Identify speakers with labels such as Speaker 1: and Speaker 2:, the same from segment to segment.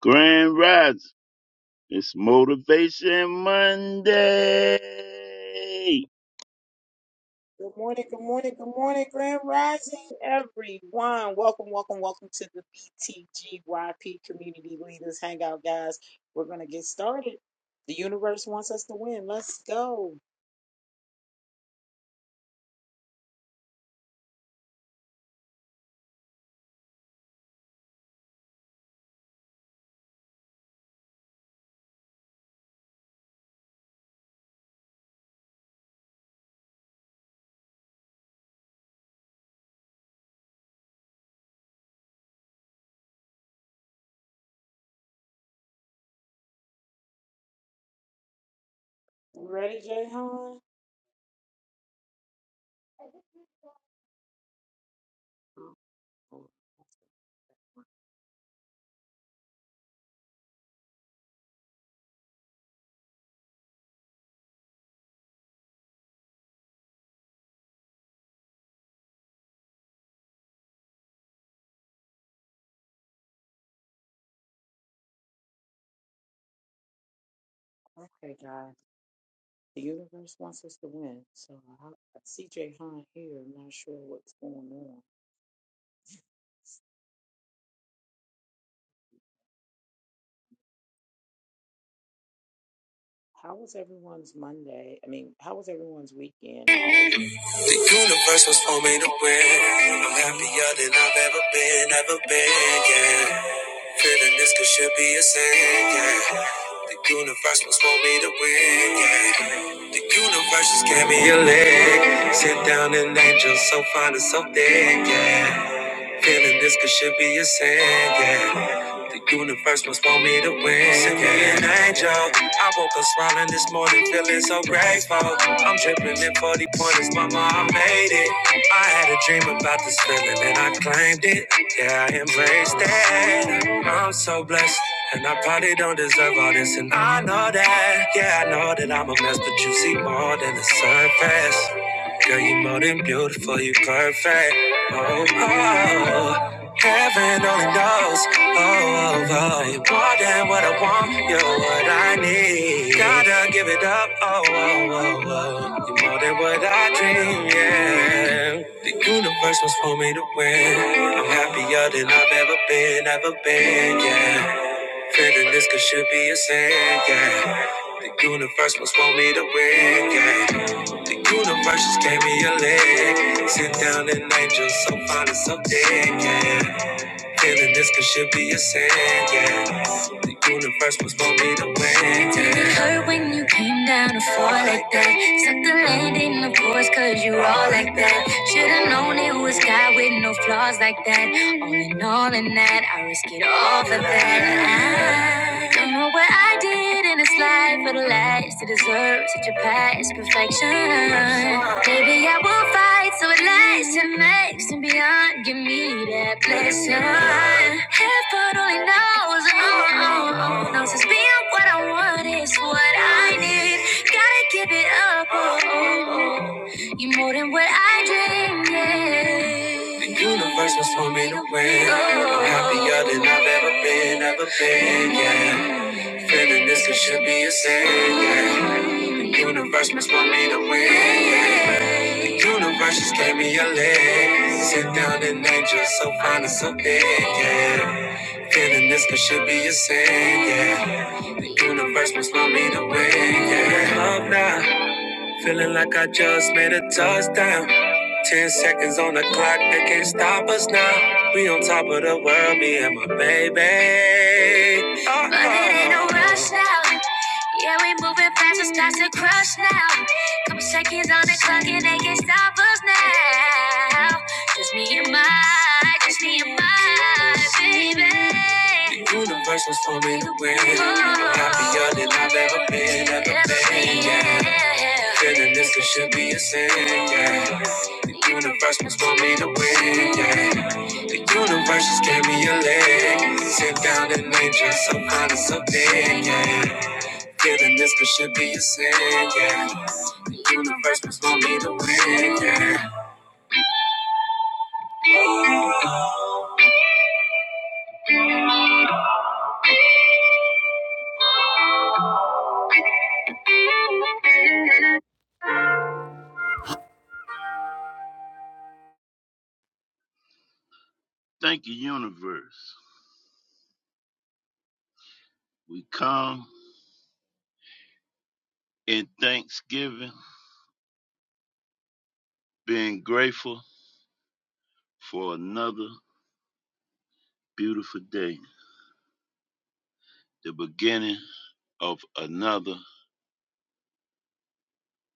Speaker 1: Grand Rise. It's Motivation Monday.
Speaker 2: Good morning, good morning, good morning, Grand Rising, everyone. Welcome, welcome, welcome to the BTGYP Community Leaders Hangout, guys. We're going to get started. The universe wants us to win. Let's go. You ready, Jay Han? Okay, guys. The universe wants us to win. So I I see Jay Han here. I'm not sure what's going on. How was everyone's Monday? I mean, how was everyone's weekend? I always.
Speaker 3: The universe was for me to win. I'm happier than I've ever been, ever been, yeah. Feeling this could should be a sin, yeah. The universe was for me to win, yeah. The universe just gave me a leg. Sit down an angel so fine and so thick, yeah. Feeling this could should be a sin, yeah. The universe must want me to win. Send me an angel. I woke up smiling this morning, feeling so grateful. I'm dripping in 40 pointers, mama, I made it. I had a dream about this feeling and I claimed it. Yeah, I embraced it. I'm so blessed. And I probably don't deserve all this, and I know that. Yeah, I know that I'm a mess, but you see more than the surface. Girl, you more than beautiful, you perfect. Oh, oh, oh. heaven only knows. Oh, oh, oh, you more than what I want, you're what I need. Gotta give it up. Oh, oh, oh, oh, you're more than what I dream. Yeah, the universe was for me to win. I'm happier than I've ever been, ever been. Yeah. Feeling this could should be a sin, yeah. The universe must want me to win, yeah. The universe just gave me a leg. Sit down and angel so fine and so dead, yeah. Feeling this could should be a sin, yeah. The universe was for me to win, yeah. Did it hurt when you came down to fall like that? Suck the landing, of course, cause you all like that. Should've known it was God with no flaws like that. All in all, in that, I risk it all for that. I don't know what I did in this life for the last to deserve such a past perfection. Maybe I will fight so it lasts and makes and beyond. Give me that blessing. Heaven only knows, oh, oh, oh, knows it's being what I want is what I need. Gotta give it up, oh, oh, oh. you more than what I dreamed. Yeah. The universe was for me to win. I'm happier than I've ever been, ever been, yeah. Feeling this, it should be a sin, yeah. The universe must want me to win, yeah. The universe just gave me a leg. Sit down an angel, so fine and so big, yeah. Feeling this, it should be a sin, yeah. The universe must want me to win, yeah. Love now. Feeling like I just made a touchdown. Ten seconds on the clock, they can't stop us now. We on top of the world, me and my baby. Uh-oh. But it ain't no rush now. Yeah, we moving fast, it's starts to crush now. Couple seconds on the clock and they can't stop us now. Just me and my, just me and my baby. The universe was for me to win. Happier than I've ever been, ever been. Yeah. Feeling this could should be a sin. Yeah. The universe was for me to win. Yeah. The universe just gave me a leg. Sit down and nature, so fine and so big. Yeah. Feeling this could should be a sin. Yeah. The universe was for me to win. Yeah.
Speaker 1: Thank you, universe. We come in thanksgiving, being grateful for another beautiful day, the beginning of another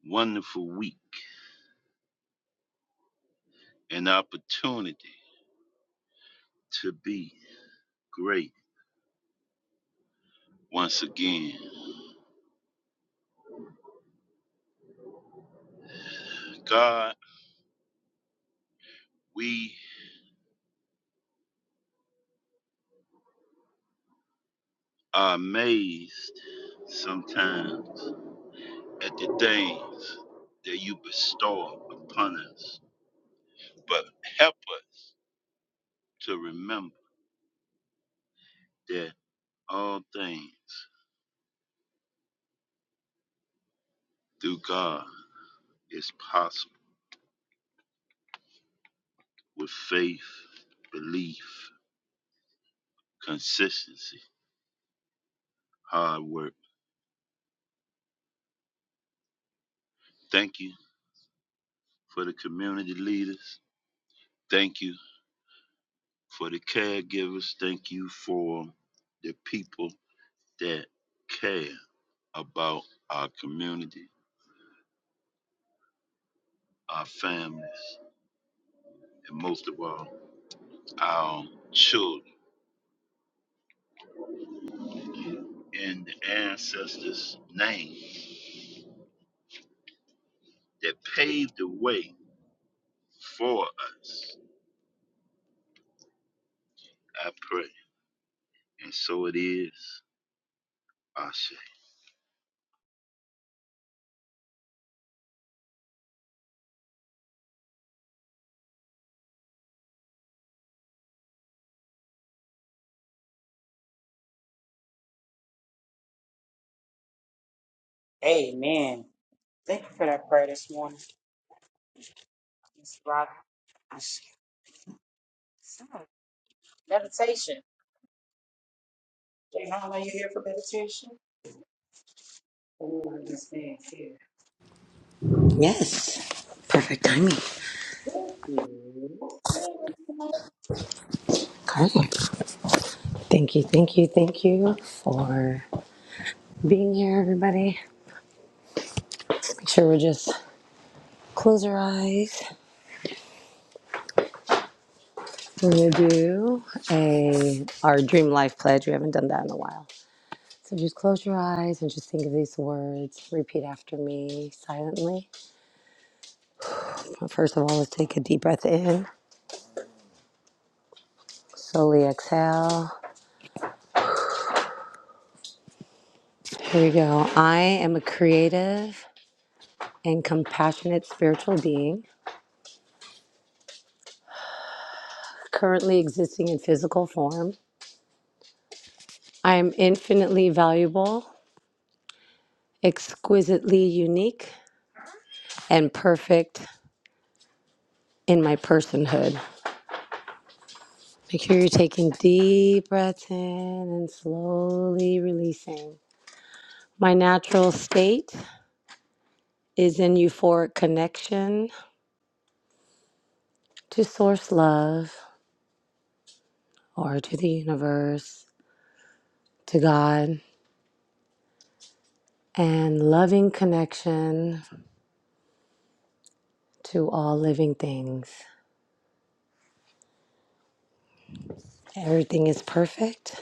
Speaker 1: wonderful week, an opportunity to be great once again. God, we are amazed sometimes at the things that you bestow upon us, but help us to remember that all things through God is possible with faith, belief, consistency, hard work. Thank you for the community leaders. Thank you for the caregivers. Thank you for the people that care about our community, our families, and most of all, our children in the ancestors' names that paved the way for us. I pray. And so it is. Ashe.
Speaker 2: Amen. Thank you for that prayer this morning. It's rock. I sh- Stop. Meditation. Jay, how long you here for meditation? Ooh, this thing here.
Speaker 4: Yes. Perfect timing.
Speaker 2: Thank you.
Speaker 4: Carla. Thank you, thank you, thank you for being here, everybody. Make sure we just close our eyes. We're gonna do a our dream life pledge. We haven't done that in a while. So just close your eyes and just think of these words. Repeat after me silently. First of all, let's take a deep breath in. Slowly exhale. Here we go. I am a creative and compassionate spiritual being. currently existing in physical form. I am infinitely valuable, exquisitely unique, and perfect in my personhood. Make sure you're taking deep breaths in and slowly releasing. My natural state is in euphoric connection to source love or to the universe, to God, and loving connection to all living things. Everything is perfect.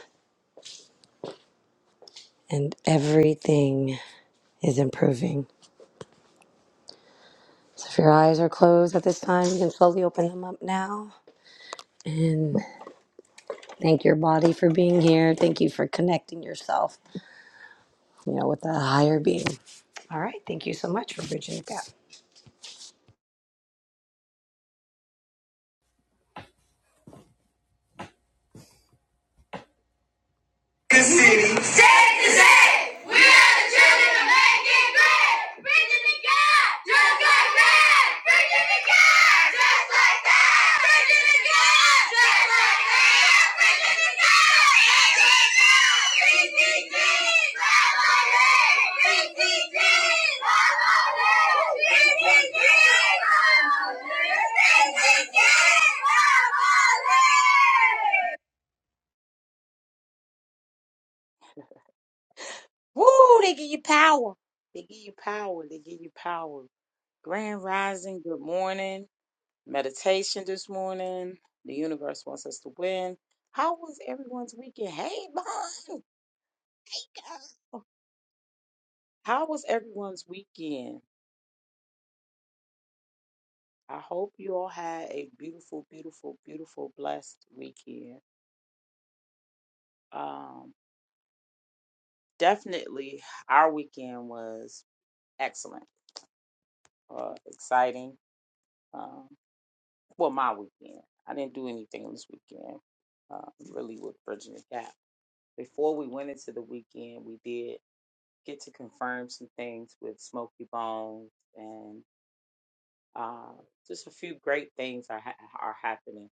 Speaker 4: and everything is improving. So if your eyes are closed at this time, you can slowly open them up now and thank your body for being here. Thank you for connecting yourself, you know, with the higher being. All right, thank you so much for bridging the gap.
Speaker 3: Safe to say, we are the children of making great. Preaching to God, just like that. Preaching to God, just like that. Preaching to God, just like that. Preaching to God, just like that. PCG, family. PCG, family. PCG, family. PCG, family.
Speaker 2: Woo, they give you power. They give you power. They give you power. Grand rising, good morning. Meditation this morning. The universe wants us to win. How was everyone's weekend? Hey, Monica. How was everyone's weekend? I hope you all had a beautiful, beautiful, beautiful, blessed weekend. Um, definitely, our weekend was excellent, uh, exciting. Um, well, my weekend. I didn't do anything this weekend, uh, really, with Bridging the Gap. Before we went into the weekend, we did get to confirm some things with Smoky Bones, and uh, just a few great things are ha- are happening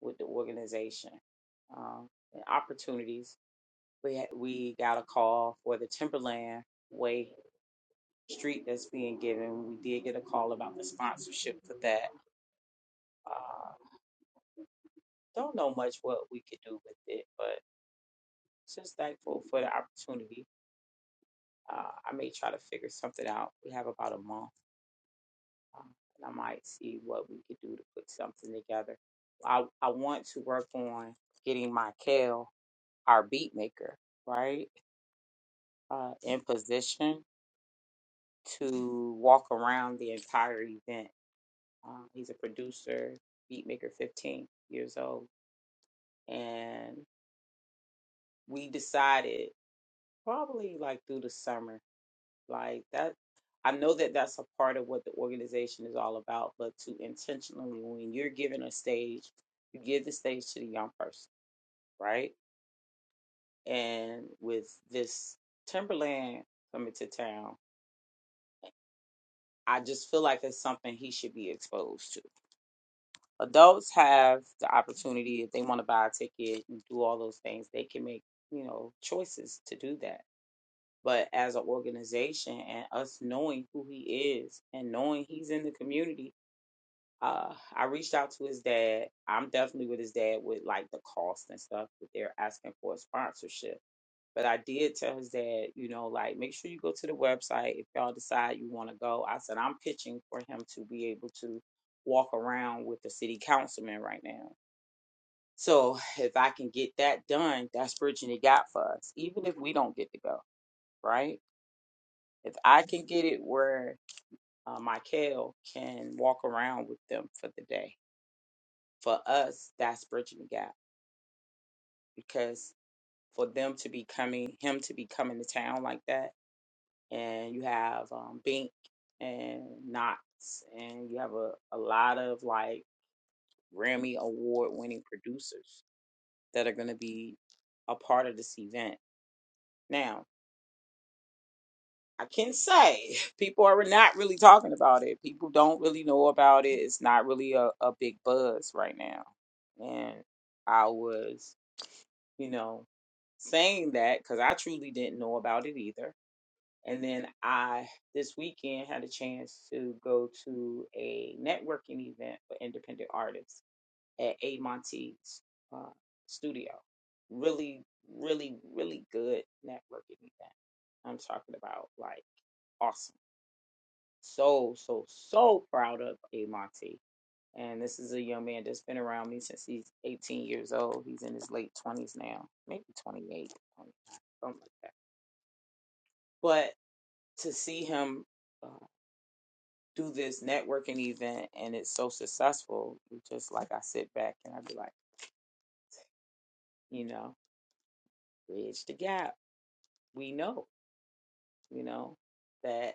Speaker 2: with the organization um, and opportunities. We had, we got a call for the Timberland Way street that's being given. We did get a call about the sponsorship for that. Uh, don't know much what we could do with it, but just thankful for the opportunity. Uh, I may try to figure something out. We have about a month, uh, and I might see what we could do to put something together. I, I want to work on getting my Kale, our beat maker, right, uh, in position to walk around the entire event. Uh, he's a producer, beat maker, 15 years old and we decided probably like through the summer like that i know that that's a part of what the organization is all about but to intentionally when you're giving a stage you give the stage to the young person right and with this timberland coming to town i just feel like it's something he should be exposed to adults have the opportunity if they want to buy a ticket and do all those things they can make you know choices to do that but as an organization and us knowing who he is and knowing he's in the community uh, i reached out to his dad i'm definitely with his dad with like the cost and stuff that they're asking for a sponsorship but i did tell his dad you know like make sure you go to the website if y'all decide you want to go i said i'm pitching for him to be able to walk around with the city councilman right now so if i can get that done that's bridging the gap for us even if we don't get to go right if I can get it where uh, Michael can walk around with them for the day, for us, that's bridging the gap. Because for them to be coming, him to be coming to town like that, and you have um, Bink and Knox, and you have a, a lot of like Grammy award winning producers that are going to be a part of this event. now. I can say people are not really talking about it. People don't really know about it. It's not really a, a big buzz right now. And I was, you know, saying that because I truly didn't know about it either. And then I, this weekend, had a chance to go to a networking event for independent artists at A. Monte's uh, studio. Really, really, really good networking event. I'm talking about like awesome so, so, so proud of Amonte. And this is a young man that's been around me since he's 18 years old. He's in his late 20s now, maybe 28, twenty-nine, something like that. But to see him uh, do this networking event and it's so successful, it's just like I sit back and I be like, you know, bridge the gap. We know, you know, that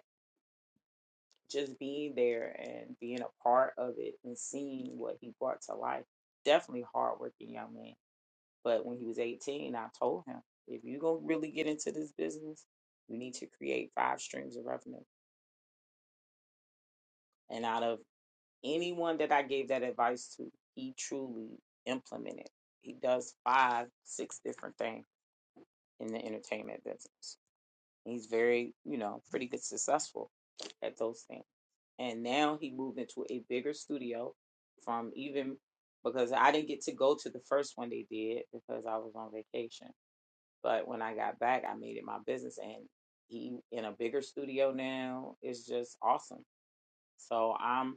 Speaker 2: just being there and being a part of it and seeing what he brought to life, definitely hardworking young man But when he was 18, I told him, if you're going to really get into this business, you need to create five streams of revenue. And out of anyone that I gave that advice to, he truly implemented. He does five, six different things in the entertainment business. He's very, you know, pretty good successful at those things and now he moved into a bigger studio from even because I didn't get to go to the first one they did because I was on vacation. But when I got back, I made it my business, and he in a bigger studio now is just awesome. So I'm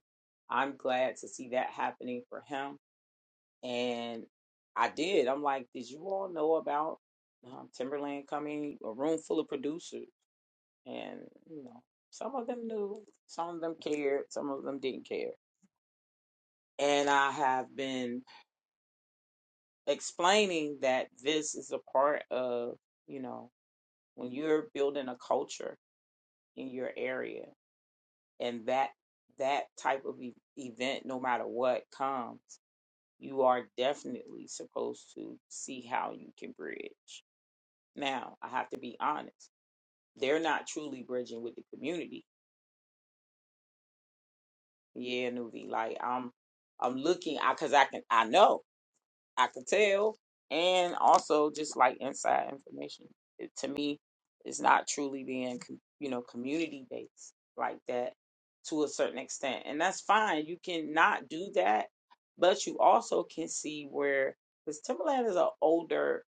Speaker 2: I'm glad to see that happening for him. And I did. I'm like, did you all know about um, Timberland coming? A room full of producers, and you know, some of them knew, some of them cared, some of them didn't care. And I have been explaining that this is a part of you know when you're building a culture in your area and that that type of e- event no matter what comes you are definitely supposed to see how you can bridge now i have to be honest they're not truly bridging with the community yeah nuvi like i'm i'm looking because I can i know I could tell, and also just like inside information. It, to me, it's not truly being com- you know community based like that to a certain extent, and that's fine. You cannot do that, but you also can see where because Timberland is an older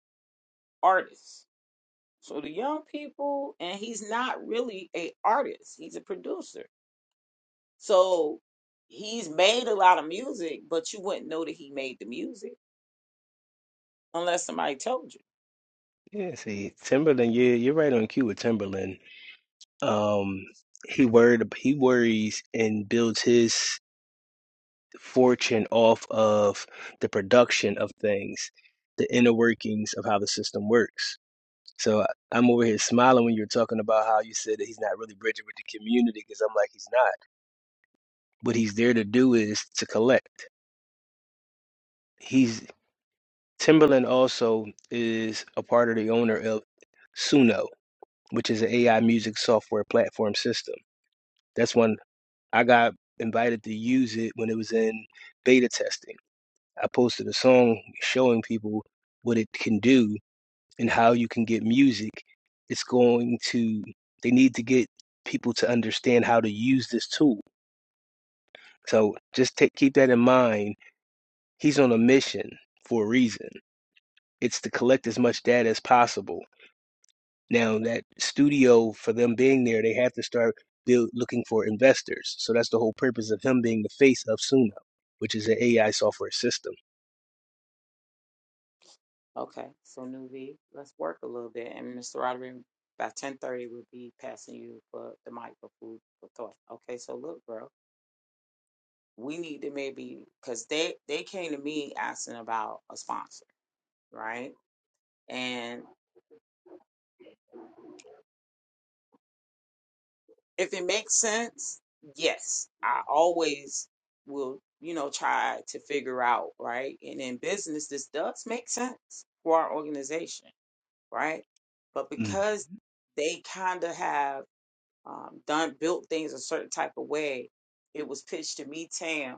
Speaker 2: artist, so the young people, and he's not really a artist. He's a producer, so. He's made a lot of music, but you wouldn't know that he made the music unless somebody told you.
Speaker 5: Yeah, see, Timberland, yeah, you're right on cue with Timberland. Um, he worried, he worries and builds his fortune off of the production of things, the inner workings of how the system works. So I- I'm over here smiling when you're talking about how you said that he's not really bridging with the community because I'm like, he's not. What he's there to do is to collect. He's Timberland also is a part of the owner of Suno, which is an AI music software platform system. That's when I got invited to use it when it was in beta testing. I posted a song showing people what it can do and how you can get music. It's going to, they need to get people to understand how to use this tool. So just take, keep that in mind. He's on a mission for a reason. It's to collect as much data as possible Now that studio, for them being there, they have to start build, looking for investors. So that's the whole purpose of him being the face of Suno, which is an AI software system.
Speaker 2: Okay, so Nuvi, let's work a little bit, and Mr. Roderick, by ten thirty, we'll be passing you for the mic for food for thought. Okay, so look, bro, we need to maybe because they they came to me asking about a sponsor, right? And if it makes sense, yes, I always will, you know, try to figure out, right? And in business, this does make sense for our organization, right? But
Speaker 5: Mm.
Speaker 2: because they kind of have um, done built things a certain type of way, it was pitched to me, Tam,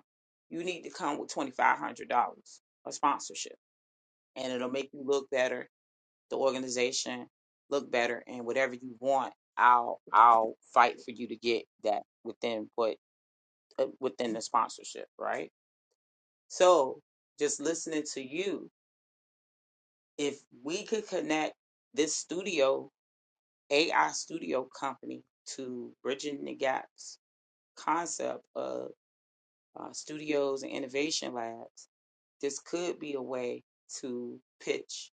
Speaker 2: you need to come with twenty five hundred dollars a sponsorship, and it'll make you look better, the organization look better, and whatever you want, I'll I'll fight for you to get that within what uh, within the sponsorship, right? So just listening to you, if we could connect this studio AI studio company to bridging the gaps concept of. uh, studios and innovation labs, this could be a way to pitch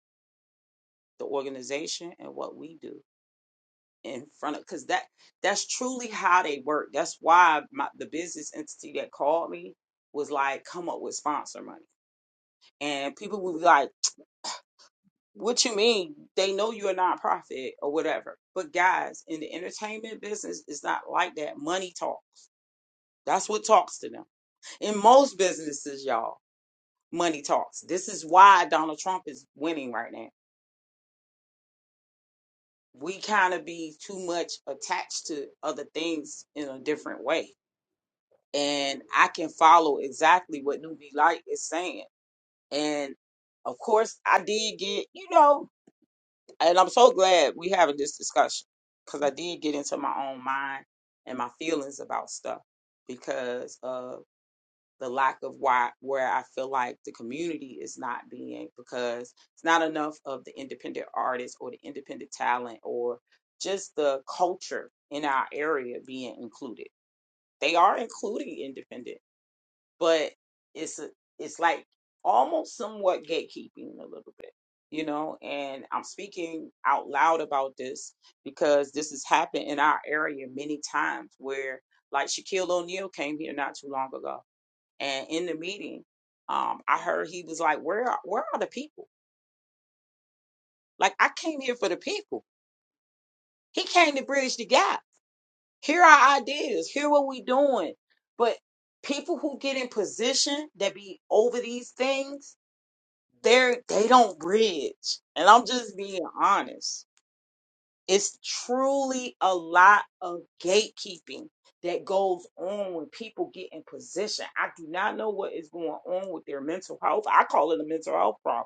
Speaker 2: the organization and what we do in front of because that that's truly how they work. That's why my, the business entity that called me was like, come up with sponsor money, and people would be like. What you mean? They know you're a nonprofit or whatever. But guys, in the entertainment business, it's not like that. Money talks. That's what talks to them. In most businesses, y'all. money talks. This is why Donald Trump is winning right now. We kind of be too much attached to other things in a different way. And I can follow exactly what Newbie Light is saying. And of course, I did get, you know, and I'm so glad we having this discussion because I did get into my own mind and my feelings about stuff because the lack of why where I feel like the community is not being because it's not enough of the independent artists or the independent talent or just the culture in our area being included. They are including independent, but it's a, it's like almost somewhat gatekeeping a little bit, you know. And I'm speaking out loud about this because this has happened in our area many times where like Shaquille O'Neal came here not too long ago and in the meeting, um, I heard he was like, "Where are, where are the people? Like I came here for the people. He came to bridge the gap. Here are our ideas. Here what we doing. But people who get in position that be over these things, they're they don't bridge. And I'm just being honest. It's truly a lot of gatekeeping that goes on when people get in position. I do not know what is going on with their mental health. I call it a mental health problem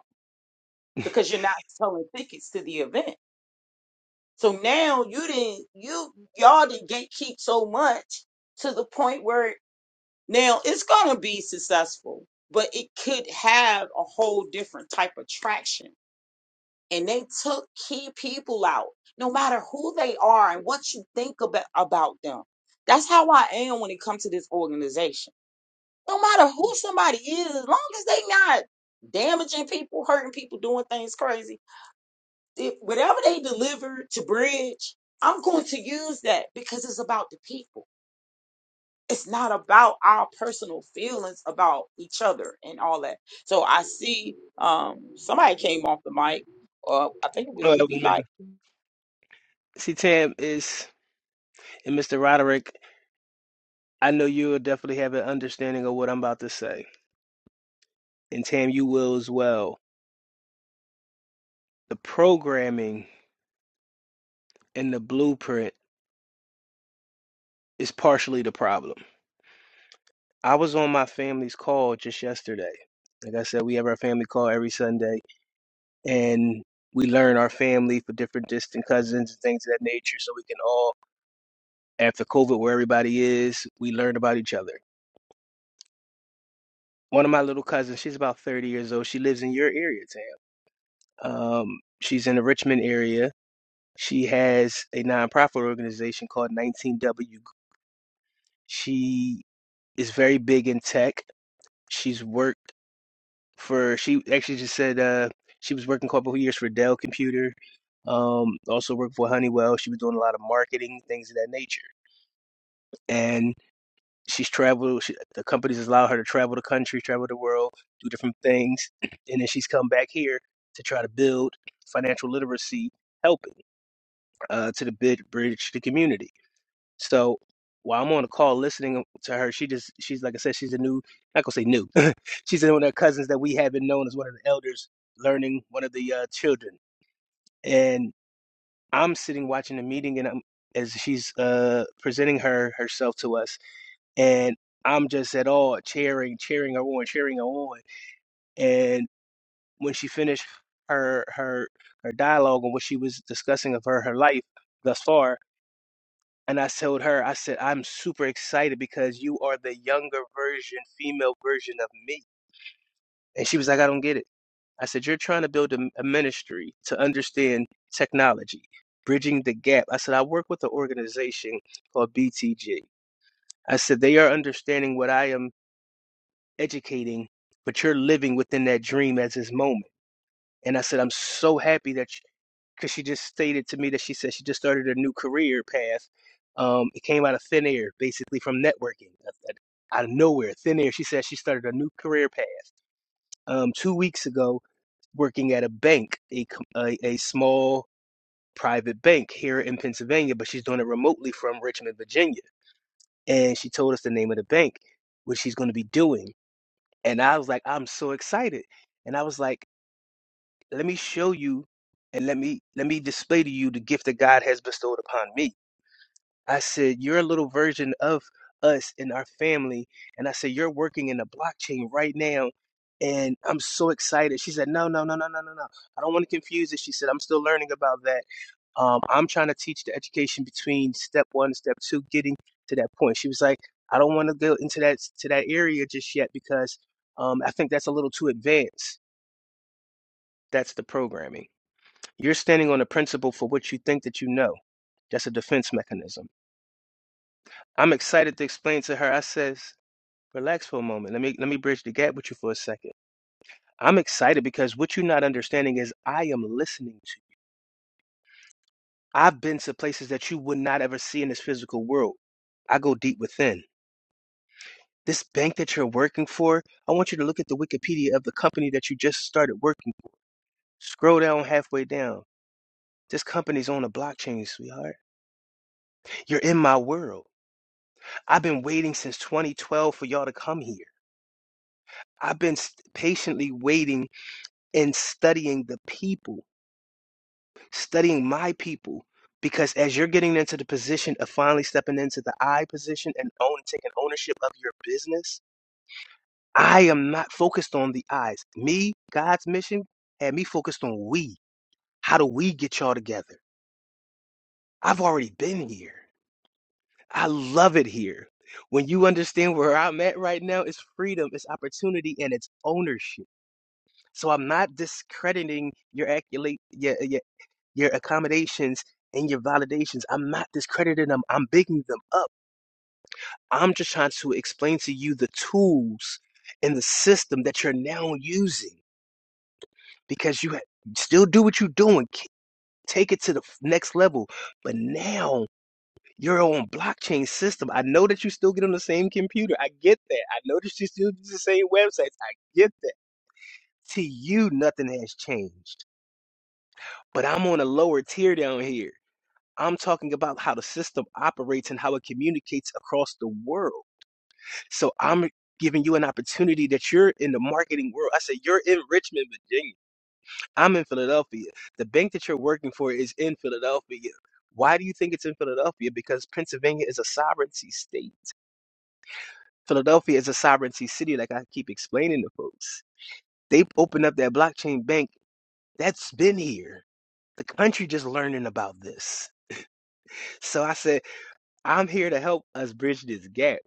Speaker 2: because you're not selling tickets to the event. So now you didn't you y'all didn't gatekeep so much to the point where now it's gonna be successful, but it could have a whole different type of traction. And they took key people out, no matter who they are and what you think about about them. That's how I am when it comes to this organization. No matter who somebody is, as long as they not damaging people, hurting people, doing things crazy, If, whatever they deliver to Bridge, I'm going to use that because it's about the people. It's not about our personal feelings about each other and all that. So I see um, somebody came off the mic, or I think it was
Speaker 5: All right, well,
Speaker 2: Ruby
Speaker 5: man.
Speaker 2: Light.
Speaker 5: See, Tam is and Mr. Roderick. I know you'll definitely have an understanding of what I'm about to say, and Tam, you will as well. The programming and the blueprint is partially the problem. I was on my family's call just yesterday. Like I said, we have our family call every Sunday and we learn our family for different distant cousins and things of that nature so we can all after covid where everybody is we learn about each other one of my little cousins she's about 30 years old she lives in your area tam um, she's in the richmond area she has a nonprofit organization called 19w she is very big in tech she's worked for she actually just said uh, she was working a couple of years for dell computer um, also worked for honeywell she was doing a lot of marketing things of that nature and she's traveled. She, the companies allow her to travel the country, travel the world, do different things, and then she's come back here to try to build financial literacy, helping uh, to the bid bridge the community. So while I'm on the call listening to her, she just she's like I said, she's a new not gonna say new. she's one of the cousins that we haven't known as one of the elders learning one of the uh, children, and I'm sitting watching the meeting and I'm as she's uh, presenting her herself to us and I'm just at all cheering, cheering her on, cheering her on. And when she finished her her her dialogue and what she was discussing of her her life thus far, and I told her, I said, I'm super excited because you are the younger version, female version of me. And she was like, I don't get it. I said, you're trying to build a, a ministry to understand technology, bridging the gap. I said, I work with an organization called BTG. I said, they are understanding what I am educating, but you're living within that dream as this moment. And I said, I'm so happy that, because she just stated to me that she said she just started a new career path. Um, it came out of thin air, basically from networking, out of nowhere, thin air. She said she started a new career path um, two weeks ago, working at a bank, a, com- a a small private bank here in Pennsylvania, but she's doing it remotely from Richmond, Virginia. And she told us the name of the bank, what she's going to be doing. and I was like, I'm so excited. And I was like, let me show you and let me let me display to you the gift that God has bestowed upon me. I said, you're a little version of us in our family. And I said, you're working in the blockchain right now. And I'm so excited. She said, no, no, no, no, no, no, no. I don't want to confuse it. She said, I'm still learning about that. Um, I'm trying to teach the education between step one and step two, getting to that point. She was like, I don't want to go into that to that area just yet because um, I think that's a little too advanced. That's the programming. You're standing on a principle for what you think that you know. That's a defense mechanism. I'm excited to explain to her. I says, relax for a moment. Let me let me bridge the gap with you for a second. I'm excited because what you're not understanding is I am listening to you. I've been to places that you would not ever see in this physical world. I go deep within. This bank that you're working for, I want you to look at the Wikipedia of the company that you just started working for. Scroll down halfway down. This company's on the blockchain, sweetheart. You're in my world. I've been waiting since 2012 for y'all to come here. I've been s- patiently waiting and studying the people, studying my people, because as you're getting into the position of finally stepping into the I position and own taking ownership of your business, I am not focused on the eyes. Me, God's mission had me focused on we. How do we get y'all together? I've already been here. I love it here. When you understand where I'm at right now, it's freedom, it's opportunity, and it's ownership. So I'm not discrediting your accolade, your, your, your accommodations and your validations. I'm not discrediting them. I'm bigging them up. I'm just trying to explain to you the tools and the system that you're now using. because you ha- still do what you're doing, k- take it to the f- next level. But now you're on blockchain system. I know that you still get on the same computer. I get that. I know that you still use the same websites. I get that. To you, nothing has changed. But I'm on a lower tier down here. I'm talking about how the system operates and how it communicates across the world. So I'm giving you an opportunity that you're in the marketing world. I said you're in Richmond, Virginia. I'm in Philadelphia. The bank that you're working for is in Philadelphia. Why do you think it's in Philadelphia? Because Pennsylvania is a sovereignty state. Philadelphia is a sovereignty city, like I keep explaining to folks. They opened up that blockchain bank that's been here. The country just learning about this. So I said, I'm here to help us bridge this gap.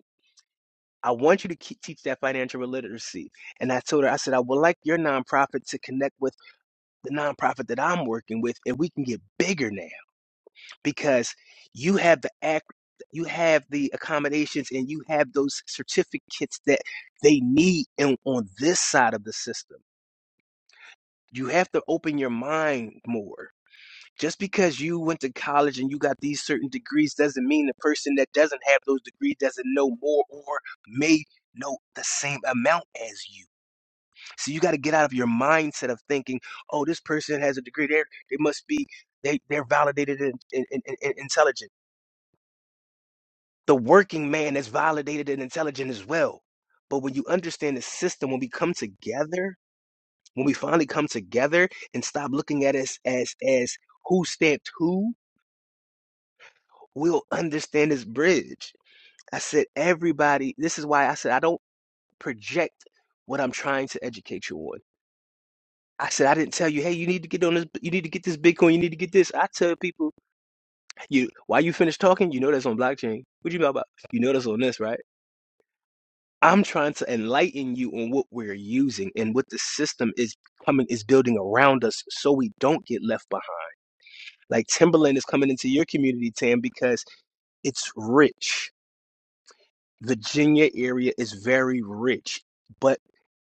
Speaker 5: I want you to keep, teach that financial literacy. And I told her, I said, I would like your nonprofit to connect with the nonprofit that I'm working with, and we can get bigger now. because you have the act you have the accommodations and you have those certificates that they need in, on this side of the system you have to open your mind more just because you went to college and you got these certain degrees doesn't mean the person that doesn't have those degrees doesn't know more or may know the same amount as you so you got to get out of your mindset of thinking oh this person has a degree there they must be they, they're validated in, in, in, in intelligence The working man is validated and intelligent as well. But when you understand the system, when we come together, when we finally come together and stop looking at us as as who stamped who, we'll understand this bridge. I said everybody, this is why I said I don't project what I'm trying to educate you on. I said I didn't tell you, hey, you need to get on this, you need to get this Bitcoin, you need to get this. I tell people, you why you finish talking, you know that's on blockchain. What you know about? You know that's on this, right? I'm trying to enlighten you on what we're using and what the system is coming is building around us so we don't get left behind. Like Timberland is coming into your community, Tam, because it's rich. Virginia area is very rich, but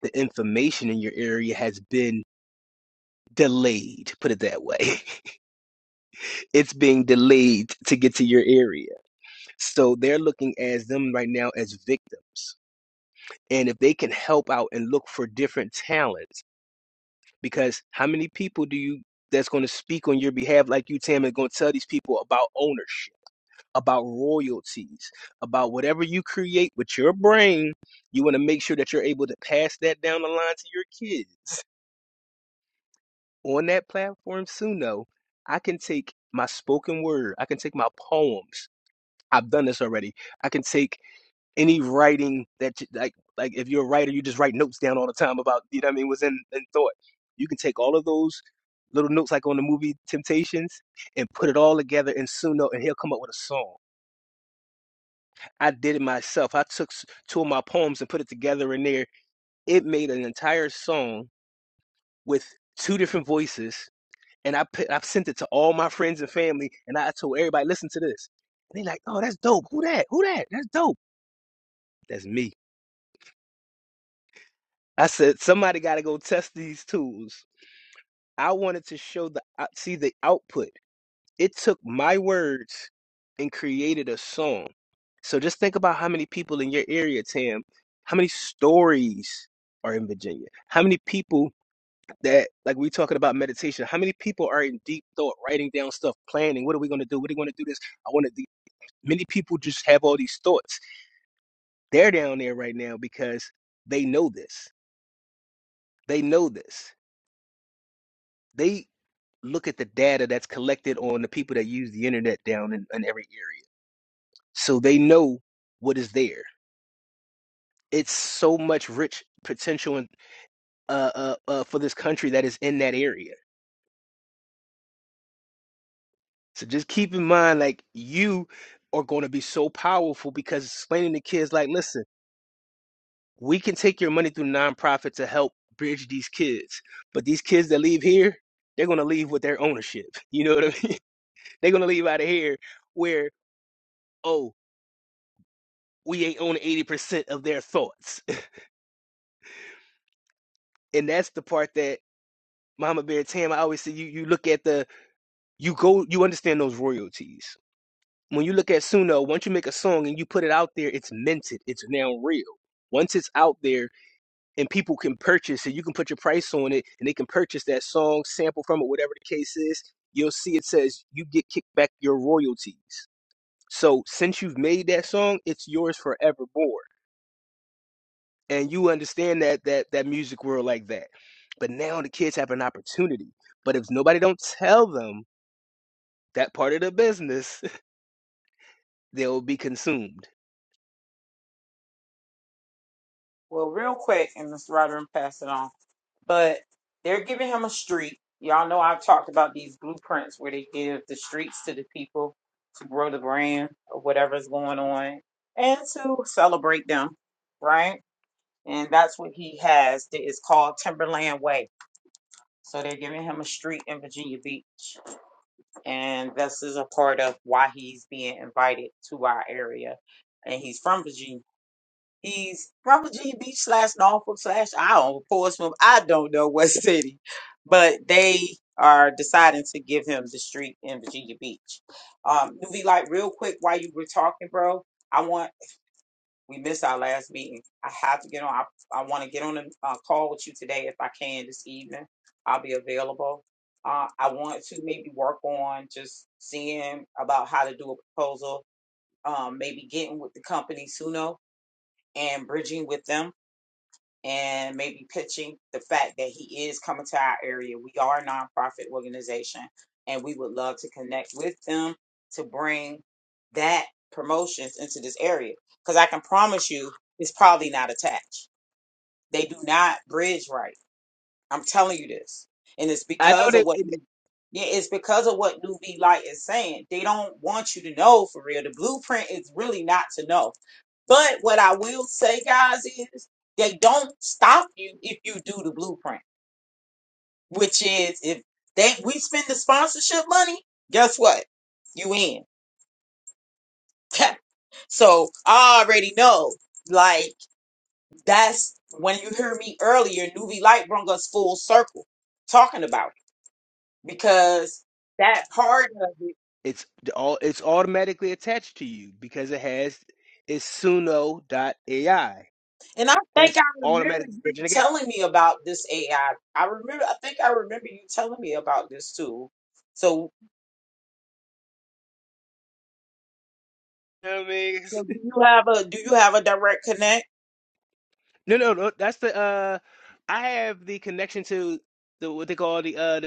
Speaker 5: the information in your area has been delayed, put it that way. It's being delayed to get to your area. So they're looking as them right now as victims. And if they can help out and look for different talents Because how many people do you that's going to speak on your behalf like you, Tam, and going to tell these people about ownership, about royalties, about whatever you create with your brain? You want to make sure that you're able to pass that down the line to your kids on that platform soon. Though I can take my spoken word, I can take my poems. I've done this already. I can take any writing that you, like like if you're a writer you just write notes down all the time about you know what i mean what's in, in thought you can take all of those little notes like on the movie temptations and put it all together in suno and he'll come up with a song i did it myself i took s- two of my poems and put it together in there it made an entire song with two different voices and i put i've sent it to all my friends and family and i told everybody listen to this and they are like oh that's dope who that who that that's dope that's me I said somebody got to go test these tools. I wanted to show the uh, see the output. It took my words and created a song. So just think about how many people in your area, Tam. How many stories are in Virginia? How many people that like we talking about meditation? How many people are in deep thought, writing down stuff, planning? What are we going to do? What are we going to do this? I want to. do. Many people just have all these thoughts. They're down there right now because they know this. They know this. They. look at the data that's collected on the people that use the internet down in, in every area. So they know what is there. It's so much rich potential in, uh, uh, uh, for this country that is in that area. So just keep in mind, like, you are going to be so powerful because explaining to kids, like, listen, we can take your money through nonprofit to help bridge these kids. But these kids that leave here, they're going to leave with their ownership. You know what I mean? they're going to leave out of here where, oh, we ain't on 80% of their thoughts. And that's the part that Mama Bear Tam, I always say you, you look at the, you go, you understand those royalties. When you look at Suno, once you make a song and you put it out there, it's minted, it's now real. Once it's out there and people can purchase it, you can put your price on it and they can purchase that song, sample from it, whatever the case is, you'll see it says you get kicked back your royalties. So since you've made that song, it's yours forevermore. and you understand that that that music world like that. But now the kids have an opportunity. But if nobody don't tell them that part of the business, they will be consumed.
Speaker 2: Well, real quick, and Mr. Ryder and pass it on. But they're giving him a street. Y'all know I've talked about these blueprints where they give the streets to the people to grow the brand or whatever's going on and to celebrate them, right? and that's what he has. that is called Timberland Way. So they're giving him a street in Virginia Beach, and this is a part of why he's being invited to our area. And he's from Virginia. He's from Virginia Beach slash Norfolk slash I don't know, Portsmouth. I don't know what city, but they are deciding to give him the street in Virginia Beach. Um, Nuvi, like real quick, while you were talking, bro, I want we missed our last meeting. I have to get on. I, I want to get on a uh, call with you today if I can this evening. I'll be available. Uh, I want to maybe work on just seeing about how to do a proposal, um, maybe getting with the companies who know and bridging with them and maybe pitching the fact that he is coming to our area. We are a nonprofit organization and we would love to connect with them to bring that promotions into this area. Because I can promise you it's probably not attached. They do not bridge right. I'm telling you this. And it's
Speaker 5: I know
Speaker 2: because of
Speaker 5: that
Speaker 2: what
Speaker 5: it,
Speaker 2: Nu- yeah, it's because of what New V Light is saying. They don't want you to know for real. The blueprint is really not to know. But what I will say, guys, is they don't stop you if you do the blueprint, which is if they we spend the sponsorship money, guess what? You in. so I already know. Like that's when you hear me earlier, Nuvi Light brung us full circle talking about. it. because that part of it,
Speaker 5: it's all it's automatically attached to you because it has it's AI.
Speaker 2: and I think
Speaker 5: That's
Speaker 2: I remember
Speaker 5: automatic
Speaker 2: you
Speaker 5: bridging again.
Speaker 2: telling me about this AI. I I remember, I think I remember you telling me about this too. So,
Speaker 5: You know what I mean?
Speaker 2: so do you have a do you have a direct connect?
Speaker 5: No, no, no. That's the uh, I have the connection to the what they call the uh the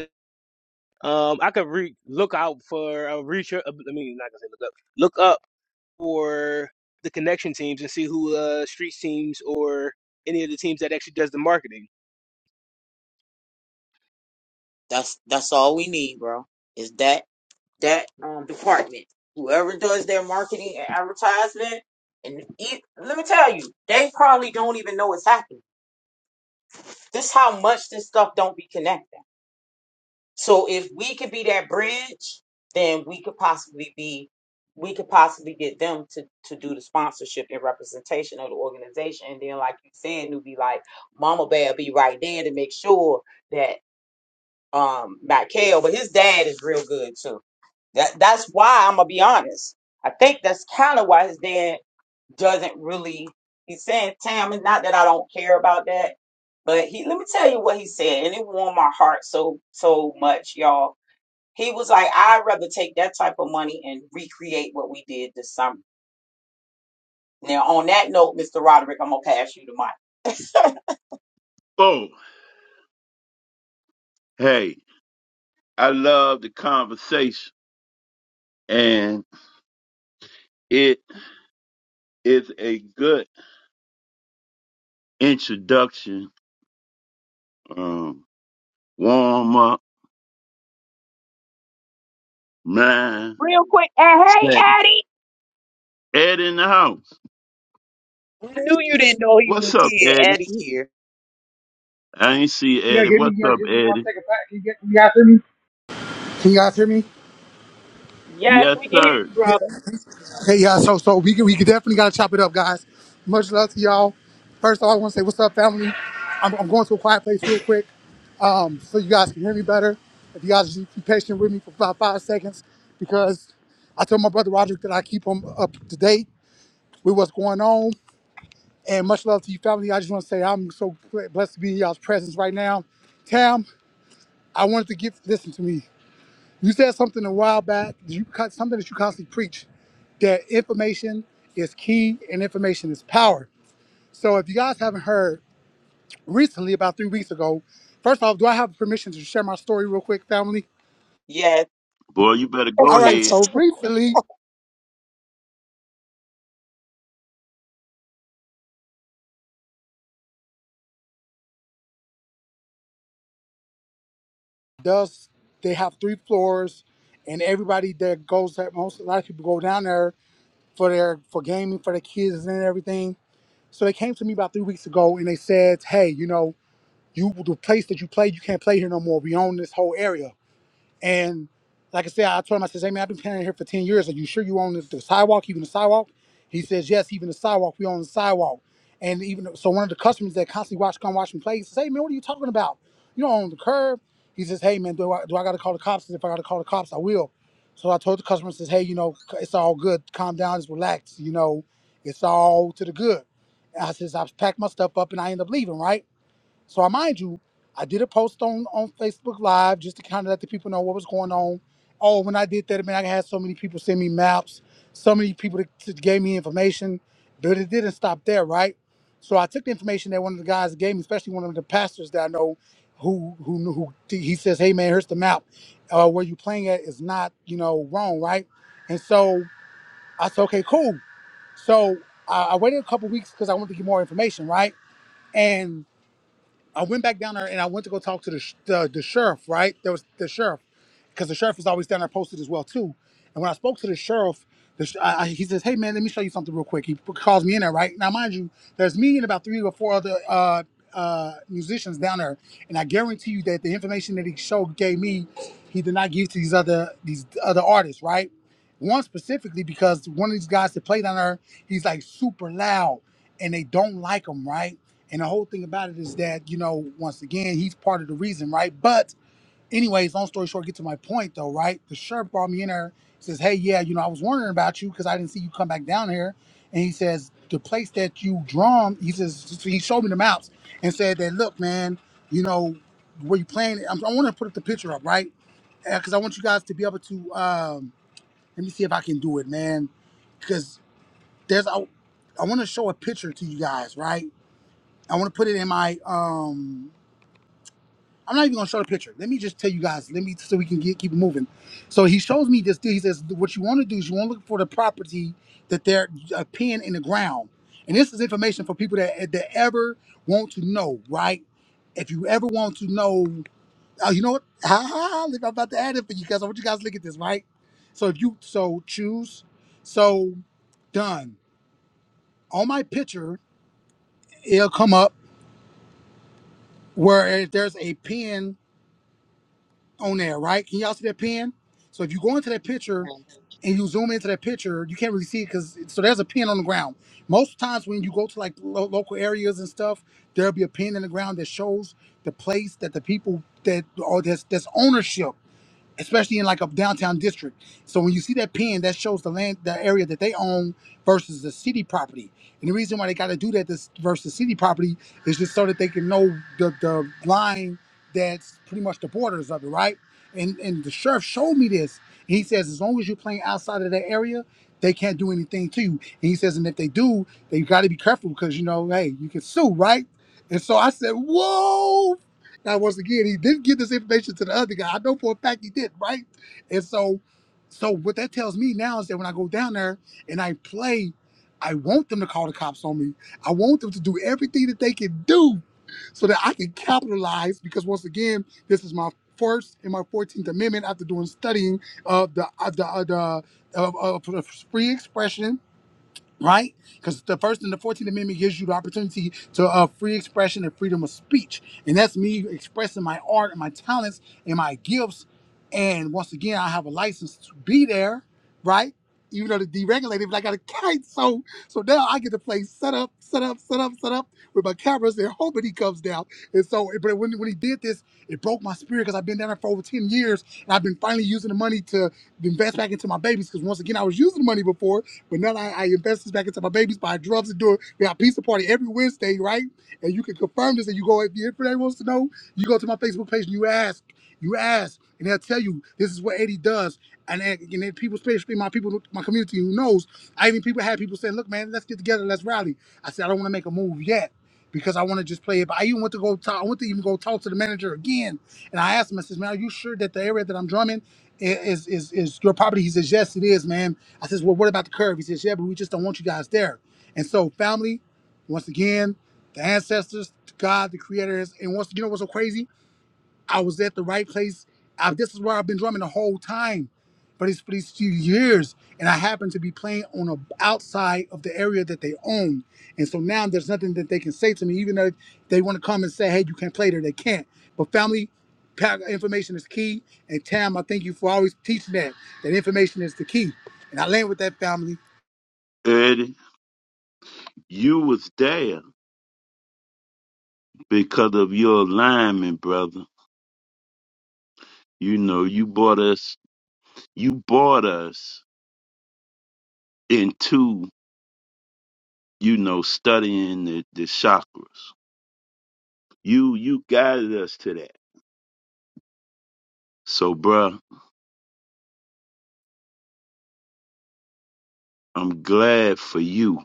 Speaker 5: Um, I could re- look out for a research. I mean, not gonna say look up. Look up for the connection teams and see who uh streets teams or any of the teams that actually does the marketing.
Speaker 2: That's that's all we need, bro. Is that that um department? Whoever does their marketing and advertisement, and e let me tell you, they probably don't even know it's happening. This how much this stuff don't be connected. So if we could be that bridge, then we could possibly be we could possibly get them to to do the sponsorship and representation of the organization. And then like you said, newbie like Mama Bear be right there to make sure that um not Kale, but his dad is real good too. That that's why I'm gonna be honest. I think that's kind of why his dad doesn't really he's saying, Tam, it's not that I don't care about that. But he let me tell you what he said, and it warmed my heart so so much, y'all he was like, I'd rather take that type of money and recreate what we did this summer. Now, on that note, Mr. Roderick, I'm gonna pass you the mic.
Speaker 1: Oh, Hey, I love the conversation, and it is a good introduction, um, warm up, mind.
Speaker 2: Real quick, and hey,
Speaker 1: Set.
Speaker 2: Addie,
Speaker 1: Ed in the house.
Speaker 2: I knew you didn't know he was
Speaker 1: What's up,
Speaker 2: here.
Speaker 1: Eddie?
Speaker 2: Addie here.
Speaker 1: I ain't see
Speaker 6: Can y'all
Speaker 1: Eddie.
Speaker 6: hear me?
Speaker 1: What's
Speaker 6: Can y'all
Speaker 1: up,
Speaker 6: give me one
Speaker 1: Eddie?
Speaker 6: second back? Can, y- can y'all hear me? Can you guys hear me?
Speaker 2: Yes,
Speaker 1: Yes,
Speaker 2: we can hear
Speaker 1: sir.
Speaker 2: you,
Speaker 6: Yeah.
Speaker 2: brother.
Speaker 6: Hey, yeah. So, so we can- we can definitely gotta chop it up, guys. Much love to y'all. First of all, I want to say what's up, family. I'm, I'm going to a quiet place real quick, um, so you guys can hear me better. If you guys just be patient with me for about five seconds, because I told my brother Roderick that I keep him up to date with what's going on. And much love to you, family. I just want to say I'm so blessed to be in y'all's presence right now. Tam, I wanted to give listen to me. You said something a while back. You cut something that you constantly preach that information is key and information is power. So if you guys haven't heard recently, about three weeks ago, first off, do I have permission to share my story real quick, family?
Speaker 2: Yes,
Speaker 1: Boy, you better go
Speaker 6: All right.
Speaker 1: ahead,
Speaker 6: So recently, does they have three floors, and everybody that goes that most a lot of people go down there for their for gaming for their kids and everything. So they came to me about three weeks ago and they said, hey, you know, you the place that you play, you can't play here no more. We own this whole area. And like I said, I told him, I said, hey man, I've been planning here for 10 years. Are you sure you own the, the sidewalk, even the sidewalk? He says, yes, even the sidewalk. We own the sidewalk. And even so one of the customers that constantly watch, come watch me play, he says, hey, man, what are you talking about? You don't own the curb. He says, hey, man, do I, do I got to call the cops? He said, If I got to call the cops, I will. So I told the customer, says, hey, you know, it's all good. Calm down. Just relax. You know, it's all to the good. And I says, I packed my stuff up and I end up leaving, right? So I mind you, I did a post on on Facebook Live just to kind of let the people know what was going on. Oh, when I did that, man, I had so many people send me maps, so many people that that gave me information, but it didn't stop there, right? So I took the information that one of the guys gave me, especially one of the pastors that I know, who who knew- who he says, "Hey, man, here's the map. Uh, where you playing at is not, you know, wrong, right?" And so I said, "Okay, cool." So I, I waited a couple weeks because I wanted to get more information, right? And I went back down there and I went to go talk to the sh- the, the sheriff. Right, there was the sheriff, because the sheriff is always down there posted as well too. And when I spoke to the sheriff, the sh- I, I- he says, "Hey man, let me show you something real quick." He p- calls me in there. Right now, mind you, there's me and about three or four other uh, uh, musicians down there, and I guarantee you that the information that he showed gave me, he did not give to these other these other artists. Right, one specifically because one of these guys that played down there, he's like super loud, and they don't like him. Right and the whole thing about it is that, you know, once again, he's part of the reason, right? But, anyways, long story short, get to my point though, right? The sheriff brought me in there, says, Hey, yeah, you know, I was wondering about you because I didn't see you come back down here. And he says, The place that you drum, he says, he showed me the maps and said that, Look, man, you know, where you playing? I'm, I want to put the picture up, right? Because I want you guys to be able to, um, let me see if I can do it, man. Because there's, I, I want to show a picture to you guys, right? I want to put it in my. um I'm not even gonna show the picture. Let me just tell you guys. Let me so we can get keep it moving. So he shows me this. thing. He says, "What you want to do is you want to look for the property that they're a pin in the ground." And this is information for people that that ever want to know, right? If you ever want to know, oh, you know what? Ha I'm about to add it for you guys. I want you guys to look at this, right? So if you so choose, so done. On my picture, it'll come up where eh, there's a pin on there, right? Can y'all see that pin? So if you go into that picture and you zoom into that picture, you can't really see it because so there's a pin on the ground. Most times when you go to like lo- local areas and stuff, there'll be a pin in the ground that shows the place that the people that or that's that's ownership especially in like a downtown district. So when you see that pin, that shows the land, the area that they own versus the city property. And the reason why they got to do that this versus city property is just so that they can know the the line that's pretty much the borders of it, right? And and the sheriff showed me this. And he says as long as you're playing outside of that area, they can't do anything to you. And he says, and if they do, they got to be careful because you know, hey, you can sue, right? And so I said, whoa, now, once again, he didn't give this information to the other guy. I know for a fact he did, right? And so, so what that tells me now is that when I go down there and I play, I want them to call the cops on me. I want them to do everything that they can do so that I can capitalize. Because once again, this is my first and my Fourteenth Amendment after doing studying of the of the of the of, of free expression right? Because the First and the Fourteenth Amendment gives you the opportunity to uh, free expression and freedom of speech, and that's me expressing my art and my talents and my gifts. And once again, I have a license to be there, right? Even though they deregulated, but I got a kite, so so now I get to play set up, set up, set up, set up with my cameras and hoping he comes down. And so, but when when he did this, it broke my spirit because I've been down there for over ten years, and I've been finally using the money to invest back into my babies. Because once again, I was using the money before, but now I, I invest this back into my babies, buy drugs and do it. We have pizza party every Wednesday, right? And you can confirm this and you go, if you- anybody wants to know, you go to my Facebook page and you ask, you ask, and they'll tell you this is what Eddie does. And then, and then people, especially my people, my community who knows, I even people had people saying, look, man, let's get together, let's rally. I said, I don't want to make a move yet because I want to just play it. But I even went to go talk. I went to even go talk to the manager again, and I asked him. I says, "Man, are you sure that the area that I'm drumming is is is your property?" He says, "Yes, it is, man." I says, "Well, what about the curve?" He says, "Yeah, but we just don't want you guys there." And so, family, once again, the ancestors, God, the creators, and once you know what's so crazy? I was at the right place. I, this is where I've been drumming the whole time, but it's for these few years, and I happen to be playing on a outside of the area that they own, and so now there's nothing that they can say to me, even though they want to come and say, "Hey, you can't play there," they can't. But family pa- information is key, and Tam, I thank you for always teaching that. That information is the key, and I land with that family.
Speaker 1: Eddie. You was there because of your alignment, brother. You know, you brought us you brought us into, you know, studying the, the chakras. You you guided us to that. So bruh, I'm glad for you.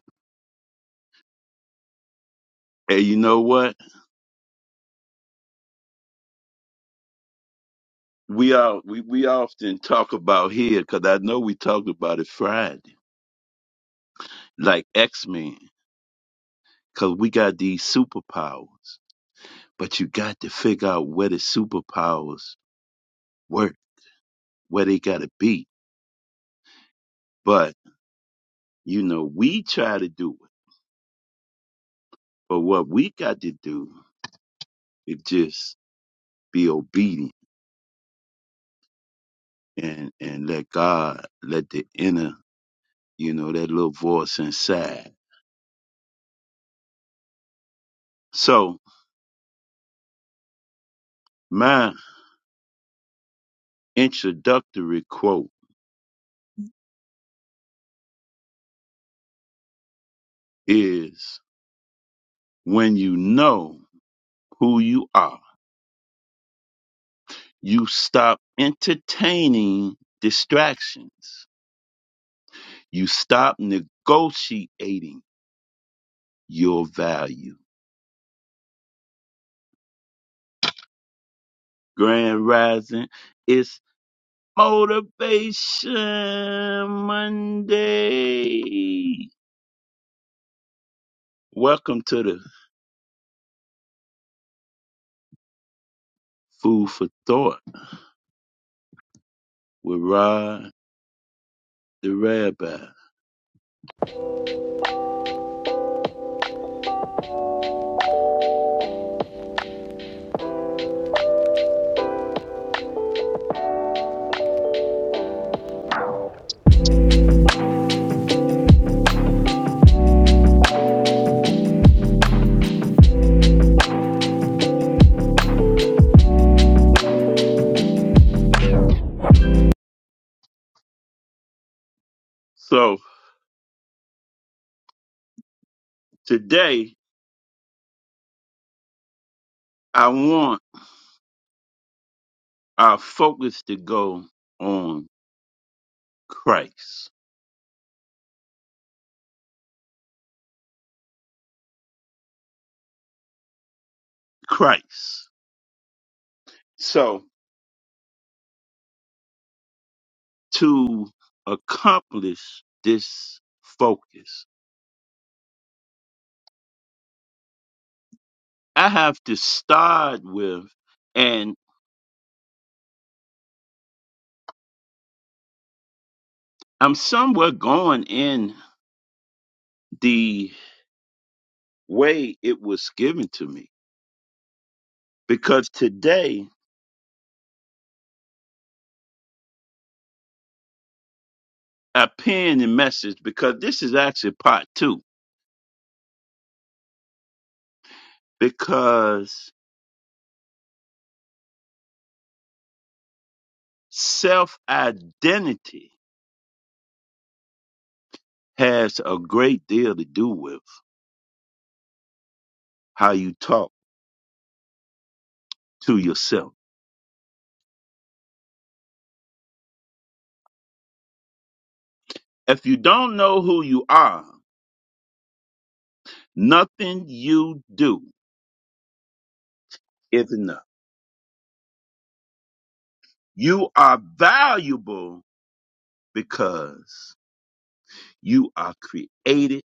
Speaker 1: And you know what? We all we, we often talk about here, cause I know we talked about it Friday, like X Men, cause we got these superpowers. But you got to figure out where the superpowers work where they got to be. But, you know, we try to do it. But what we got to do is just be obedient and, and let God, let the inner, you know, that little voice inside. So my introductory quote is when you know who you are, you stop entertaining distractions. You stop negotiating your value. Grand Rising, it's Motivation Monday. Welcome to the Food for Thought with Rod the Rabbi. So today I want our focus to go on Christ. Christ. So to accomplish this focus, I have to start with, and I'm somewhere going in the. way it was given to me. Because today I penned a message because this is actually part two. Because self identity has a great deal to do with how you talk to yourself. If you don't know who you are, nothing you do is enough. You are valuable because you are created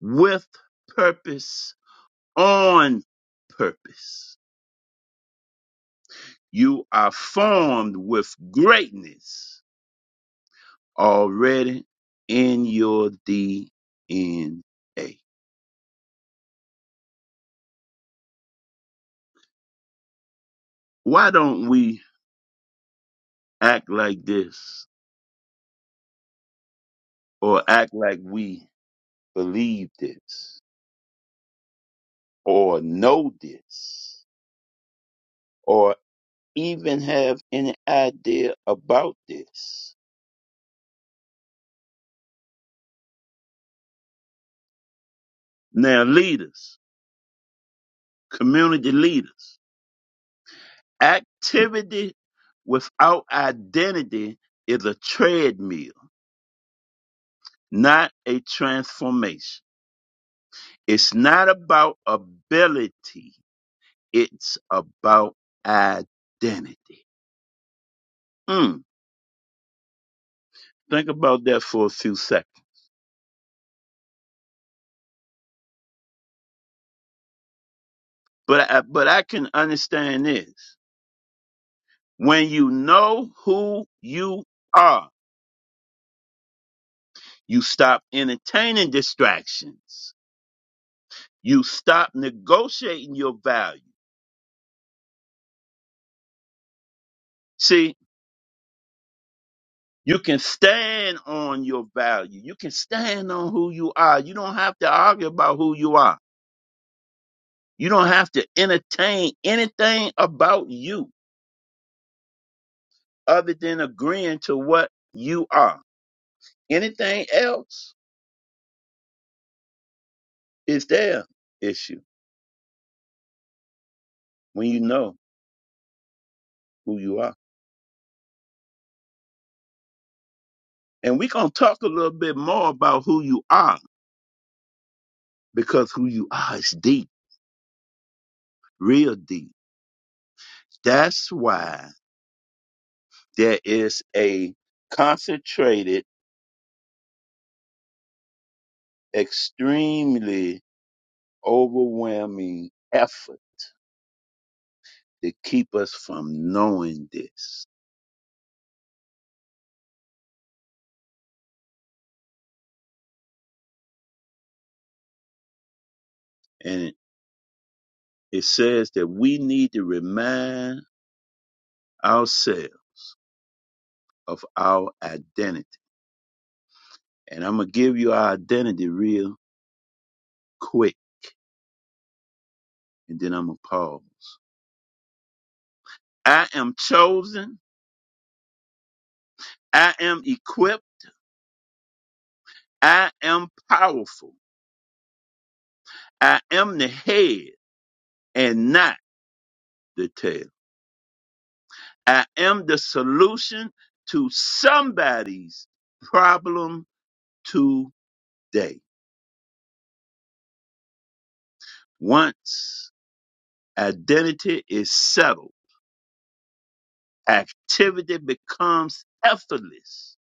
Speaker 1: with purpose on purpose. You are formed with greatness already in your DNA. Why don't we act like this or act like we believe this or know this or even have any idea about this? Now, leaders, community leaders, activity without identity is a treadmill not a transformation. It's not about ability, it's about identity. Mm, think about that for a few seconds. But I, but I can understand this. When you know who you are, you stop entertaining distractions. You stop negotiating your value. See, you can stand on your value. You can stand on who you are. You don't have to argue about who you are You don't have to entertain anything about you other than agreeing to what you are. Anything else is their issue when you know who you are. And we're going to talk a little bit more about who you are because who you are is deep, real deep. That's why there is a concentrated, extremely overwhelming effort to keep us from knowing this It says that we need to remind ourselves of our identity. And I'm going to give you our identity real quick, and then I'm going to pause. I am chosen. I am equipped. I am powerful. I am the head and not the tail. I am the solution to somebody's problem today. Once identity is settled, Activity becomes effortless.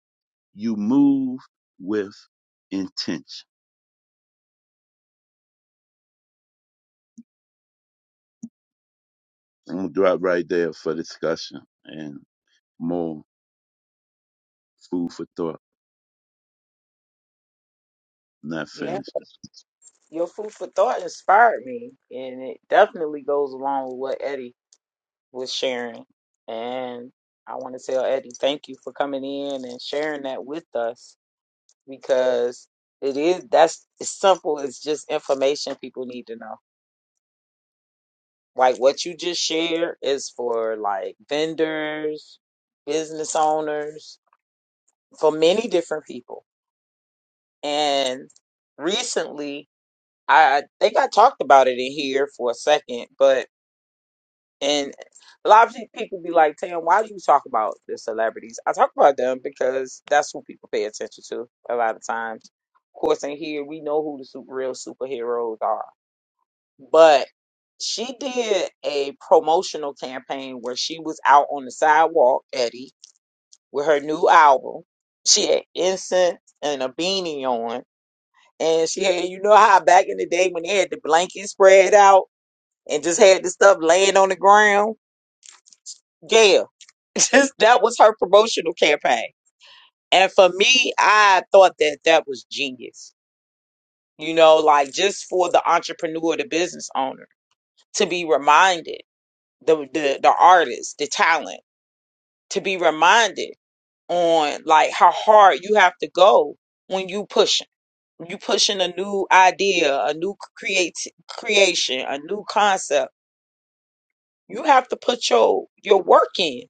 Speaker 1: You move with intention. I'm going to drop right there for discussion and more food for thought. Not
Speaker 2: Yeah,
Speaker 1: finished.
Speaker 2: your food for thought inspired me, and it definitely goes along with what Eddie was sharing. And I want to tell Eddie, thank you for coming in and sharing that with us. because it is that's as simple as just information people need to know. Like what you just shared is for like vendors, business owners, for many different people. And recently, I I think I talked about it in here for a second, but and a lot of people be like, "Tam, why do you talk about the celebrities?" I talk about them because that's who people pay attention to a lot of times. Of course, in here we know who the super, real superheroes are But she did a promotional campaign where she was out on the sidewalk, Eddie, with her new album. She had incense and a beanie on. And she had, you know how back in the day when they had the blanket spread out and just had the stuff laying on the ground? Yeah. Just that was her promotional campaign. And for me, I thought that that was genius. You know, like just for the entrepreneur, the business owner to be reminded. the the the artist, the talent, to be reminded on like how hard you have to go when you pushing. When You pushing a new idea, a new create creation, a new concept. You have to put your your work in.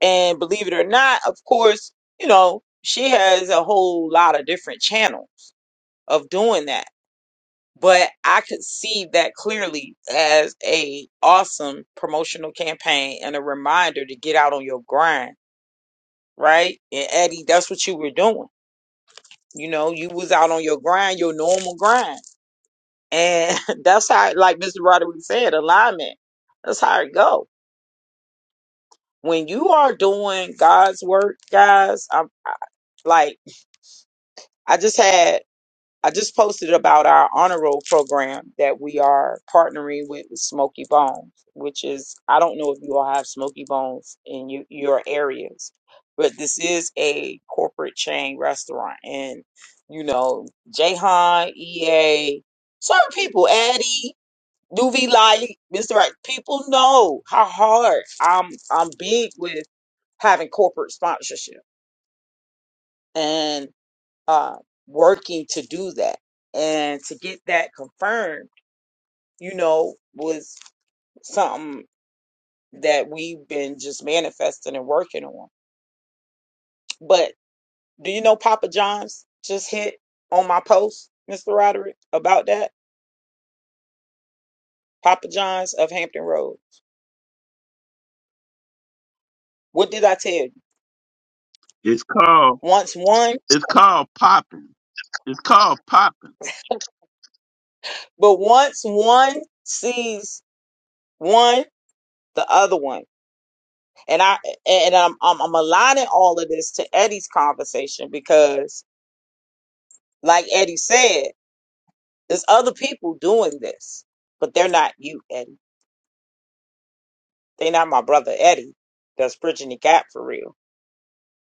Speaker 2: And believe it or not, of course, you know, she has a whole lot of different channels of doing that. But I could see that clearly as a awesome promotional campaign and a reminder to get out on your grind right? And Eddie, that's what you were doing. You know, you was out on your grind, your normal grind. And that's how, like Mr. Roderick said, alignment. That's how it go. When you are doing God's work, guys, I'm I, like, I just had I just posted about our honor roll program that we are partnering with, with Smoky Bones, which is I don't know if you all have Smoky Bones in you, your areas, but this is a corporate chain restaurant, and you know Jahan, EA, certain people, Addie, Nuvi Light, Mister Right, people know how hard I'm. I'm big with having corporate sponsorship, and uh, working to do that and to get that confirmed you know was something that we've been just manifesting and working on but do you know papa john's just hit on my post mr roderick about that papa john's of hampton road what did i tell you
Speaker 1: It's called,
Speaker 2: once one
Speaker 1: it's called popping. It's called popping.
Speaker 2: but once one sees one the other one and i and i'm i'm, I'm aligning all of this to eddie's conversation because Like Eddie said, there's other people doing this, but they're not you, Eddie. They're not my brother Eddie that's bridging the gap for real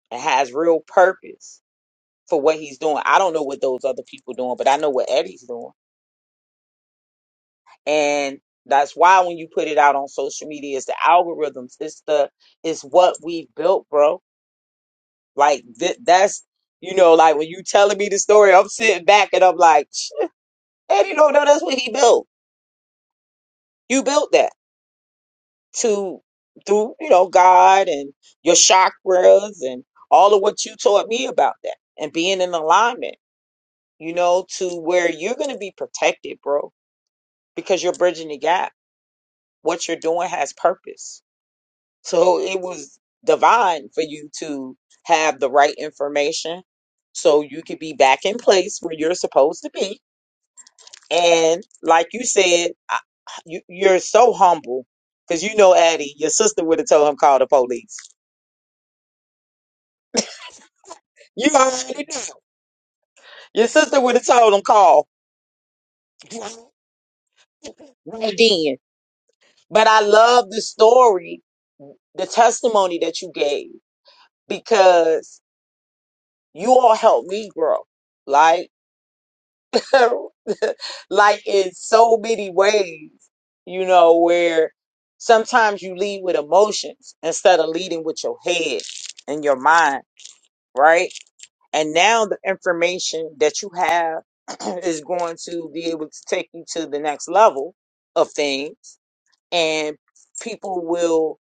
Speaker 2: and has real purpose for what he's doing. I don't know what those other people doing, but I know what Eddie's doing. And that's why when you put it out on social media, it's the algorithms. It's the it's what we built, bro. Like th- that's you know, like when you telling me the story, I'm sitting back and I'm like, Eddie don't know that's what he built. You built that. to through you know God and your chakras and all of what you taught me about that and being in alignment, you know, to where you're going to be protected, bro, because you're bridging the gap. What you're doing has purpose. So it was divine for you to have the right information so you could be back in place where you're supposed to be. And like you said, I, you, you're so humble because you know, Addie, your sister would have told him call the police You already know. Your sister would have told him call right then. But I love the story, the testimony that you gave because you all helped me grow. Like, like in so many ways, you know, where sometimes you lead with emotions instead of leading with your head and your mind, right? And now the information that you have is going to be able to take you to the next level of things. And people will,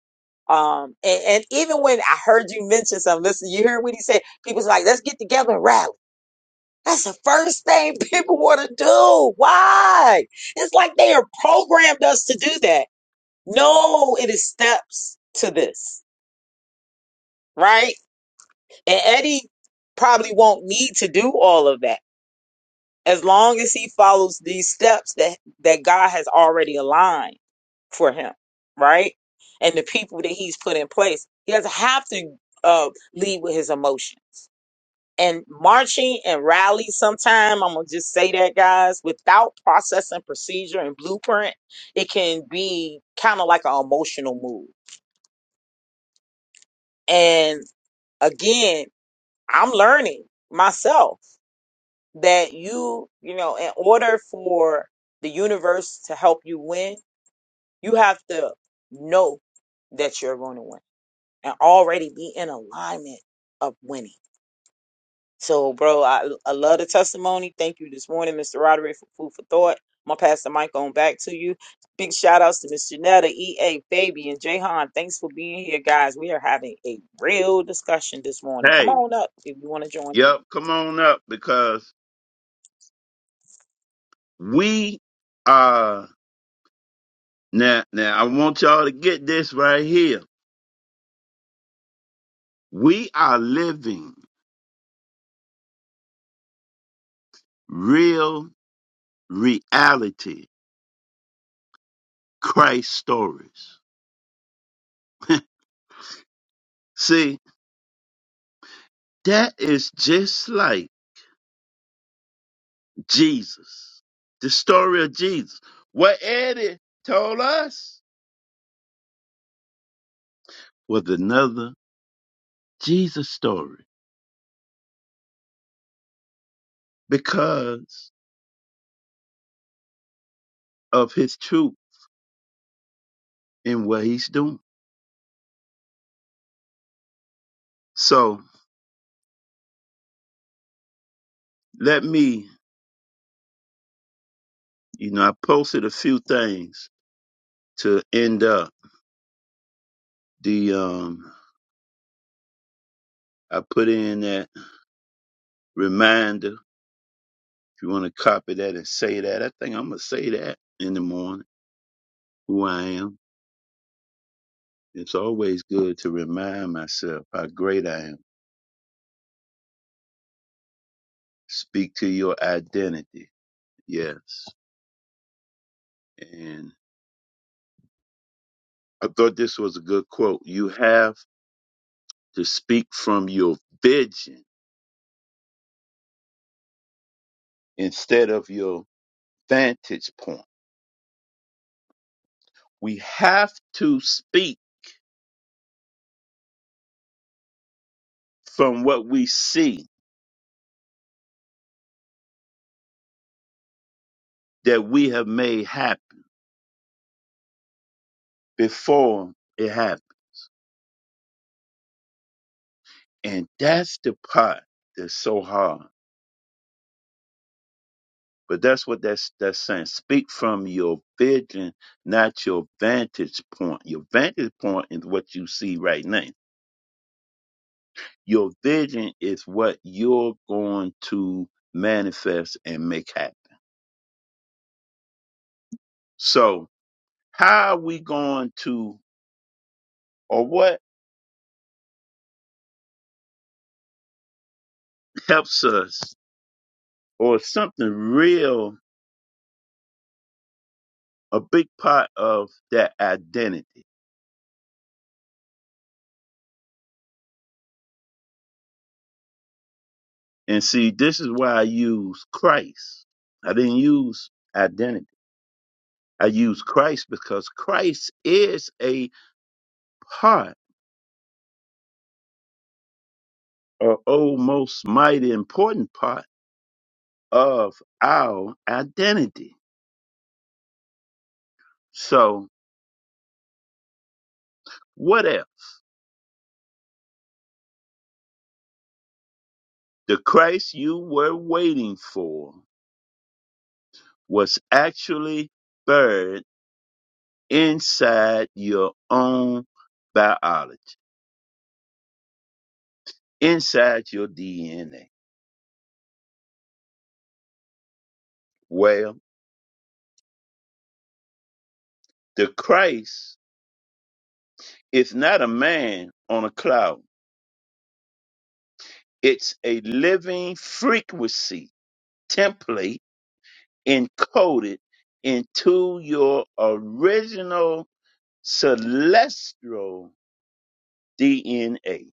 Speaker 2: um, and, and even when I heard you mention something, listen, you heard what he said. People's like, let's get together and rally. That's the first thing people want to do. Why? It's like they are programmed us to do that. No, it is steps to this, right? And Eddie probably won't need to do all of that as long as he follows these steps that that God has already aligned for him, right? And the people that he's put in place, he doesn't have to uh, lead with his emotions. And marching and rallies, sometime I'm gonna just say that, guys, without process and procedure and blueprint, it can be kind of like an emotional move. And again, I'm learning myself that you, you know, in order for the universe to help you win, you have to know that you're going to win and already be in alignment of winning. So, bro, I, I love the testimony. Thank you this morning, Mr. Roderick, for food for thought. I'm going to pass the mic on back to you. Big shout outs to Miss Janetta, EA, Fabian, Jahan. Thanks for being here, guys. We are having a real discussion this morning. Come
Speaker 1: Hey,
Speaker 2: on up if you want to join in.
Speaker 1: yep, come on up because we are now, now I want y'all to get this right here. We are living real reality Christ stories. See, that is just like Jesus, the story of Jesus. What Eddie told us was another Jesus story because of his truth and what he's doing. So let me, you know, I posted a few things to end up the um I put in that reminder. If you want to copy that and say that, I think I'm gonna say that in the morning, who I am. It's always good to remind myself how great I am. Speak to your identity. Yes. And I thought this was a good quote. You have to speak from your vision instead of your vantage point. We have to speak from what we see that we have made happen before it happened. And that's the part that's so hard But that's what that's that's saying. Speak from your vision, not your vantage point. Your vantage point is what you see right now. Your vision is what you're going to manifest and make happen. So how are we going to or what helps us or something real a big part of that identity. And see, this is why I use Christ. I didn't use identity. I use Christ because Christ is a part, or almost mighty important part of our identity. So, what if the Christ you were waiting for was actually buried inside your own biology, inside your DNA? Well, the Christ is not a man on a cloud. It's a living frequency template encoded into your original celestial DNA, a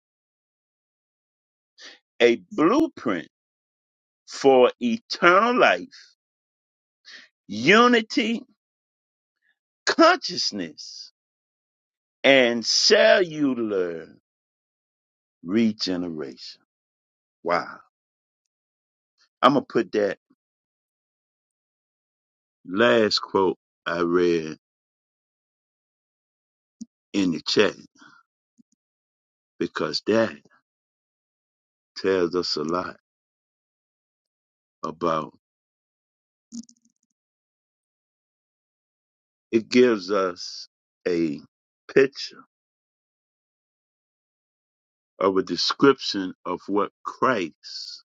Speaker 1: a blueprint for eternal life, unity, consciousness, and cellular regeneration. Wow. I'm going to put that last quote I read in the chat because that tells us a lot about it gives us a picture of a description of what Christ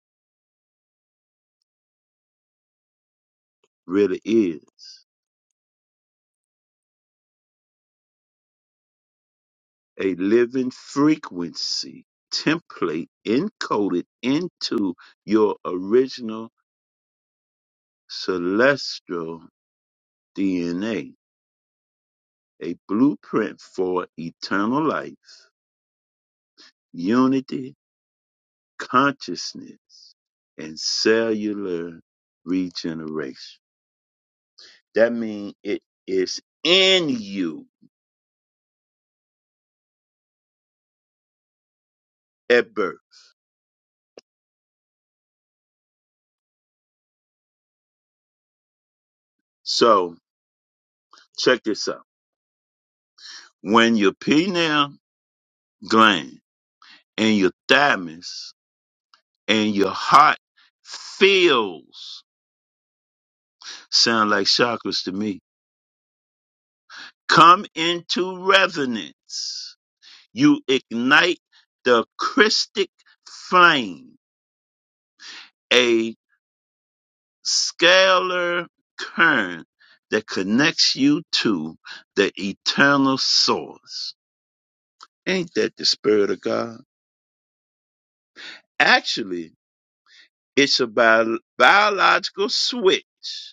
Speaker 1: really is a living frequency template encoded into your original celestial DNA, a a blueprint for eternal life, unity, consciousness, and cellular regeneration. That means it is in you at birth. So check this out. when your pineal gland and your thymus and your heart fills, sound like chakras to me, come into resonance, you ignite the Christic flame, a scalar current that connects you to the eternal source. Ain't that the spirit of God? Actually, it's a bio- biological switch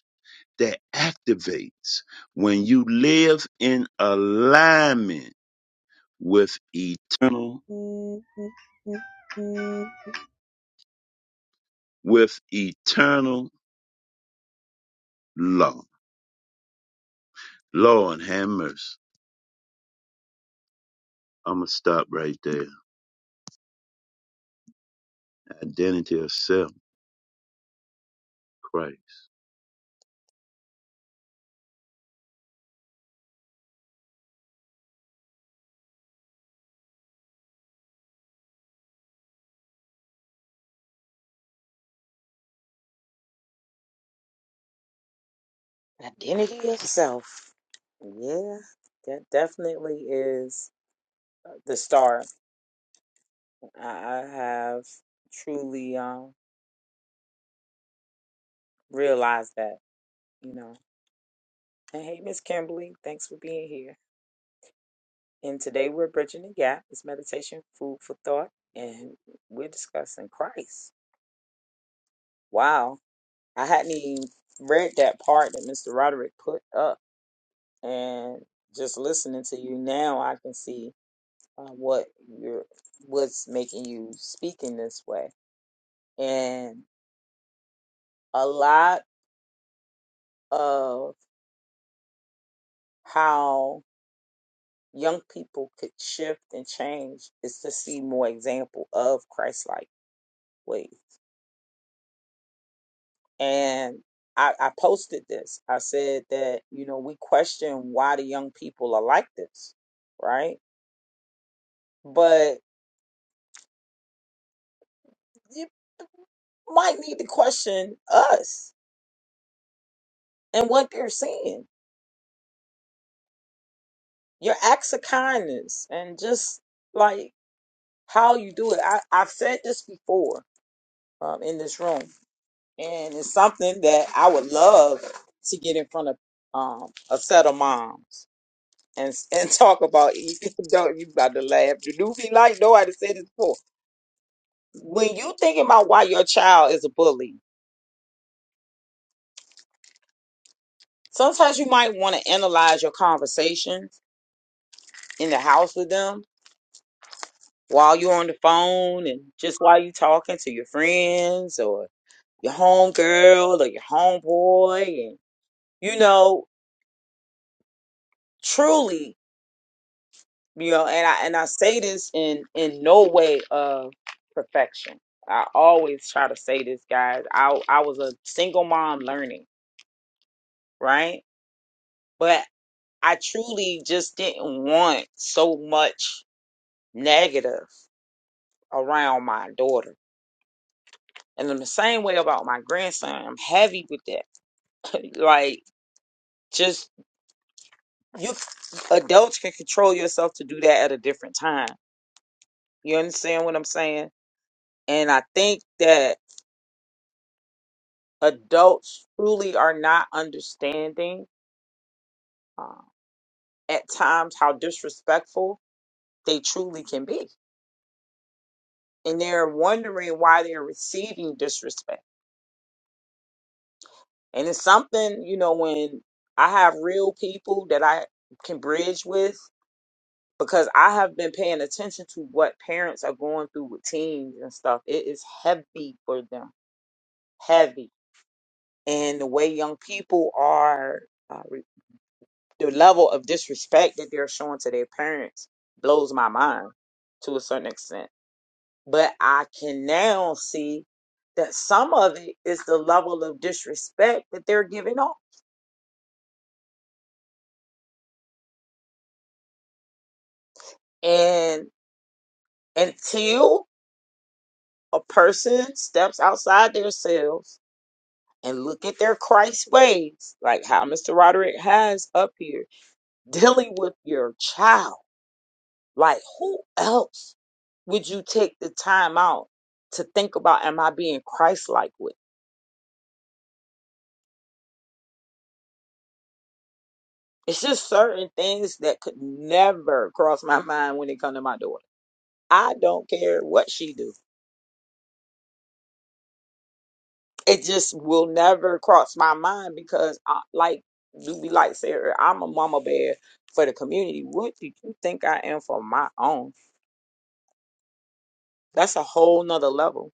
Speaker 1: that activates when you live in alignment with eternal with eternal law. Lord have mercy. I'ma stop right there. Identity of self, Christ.
Speaker 2: Identity of self. Yeah, that definitely is the start. I, I have truly um realized that, you know. And hey, Miss Kimberly, thanks for being here. And today we're bridging the gap. It's meditation, food for thought, and we're discussing Christ. Wow, I hadn't even read that part that Mr. Roderick put up, and just listening to you now, I can see uh, what you're, what's making you speak in this way. And a lot of how young people could shift and change is to see more example of Christ-like ways. And I, I posted this. I said that, you know, we question why the young people are like this, right? But you might need to question us and what they're seeing, your acts of kindness, and just like how you do it. I, I've said this before um, in this room and it's something that I would love to get in front of um, a set of moms and and talk about. Don't you about to laugh. You do be like, no, I done said this before. When you thinking about why your child is a bully, sometimes you might want to analyze your conversations in the house with them while you're on the phone and just while you talking to your friends or your homegirl or your homeboy and you know truly you know and i and i say this in in no way of perfection i always try to say this guys i i was a single mom learning right but i truly just didn't want so much negative around my daughter and in the same way about my grandson i'm heavy with that like just you adults can control yourself to do that at a different time you understand what i'm saying and i think that adults truly are not understanding um, at times how disrespectful they truly can be. And they're wondering why they're receiving disrespect. And it's something, you know, when I have real people that I can bridge with because I have been paying attention to what parents are going through with teens and stuff. It is heavy for them, heavy. And the way young people are. uh, the level of disrespect that they're showing to their parents blows my mind to a certain extent. But I can now see that some of it is the level of disrespect that they're giving off. And until a person steps outside themselves and look at their Christ ways, like how Mr. Roderick has up here, dealing with your child Like, who else would you take the time out to think about? Am I being Christ like with? It's just certain things that could never cross my mind when it comes to my daughter. I don't care what she do. It just will never cross my mind because, I, like, do be like Sarah, I'm a mama bear for the community. What do you think I am for my own? That's a whole nother level.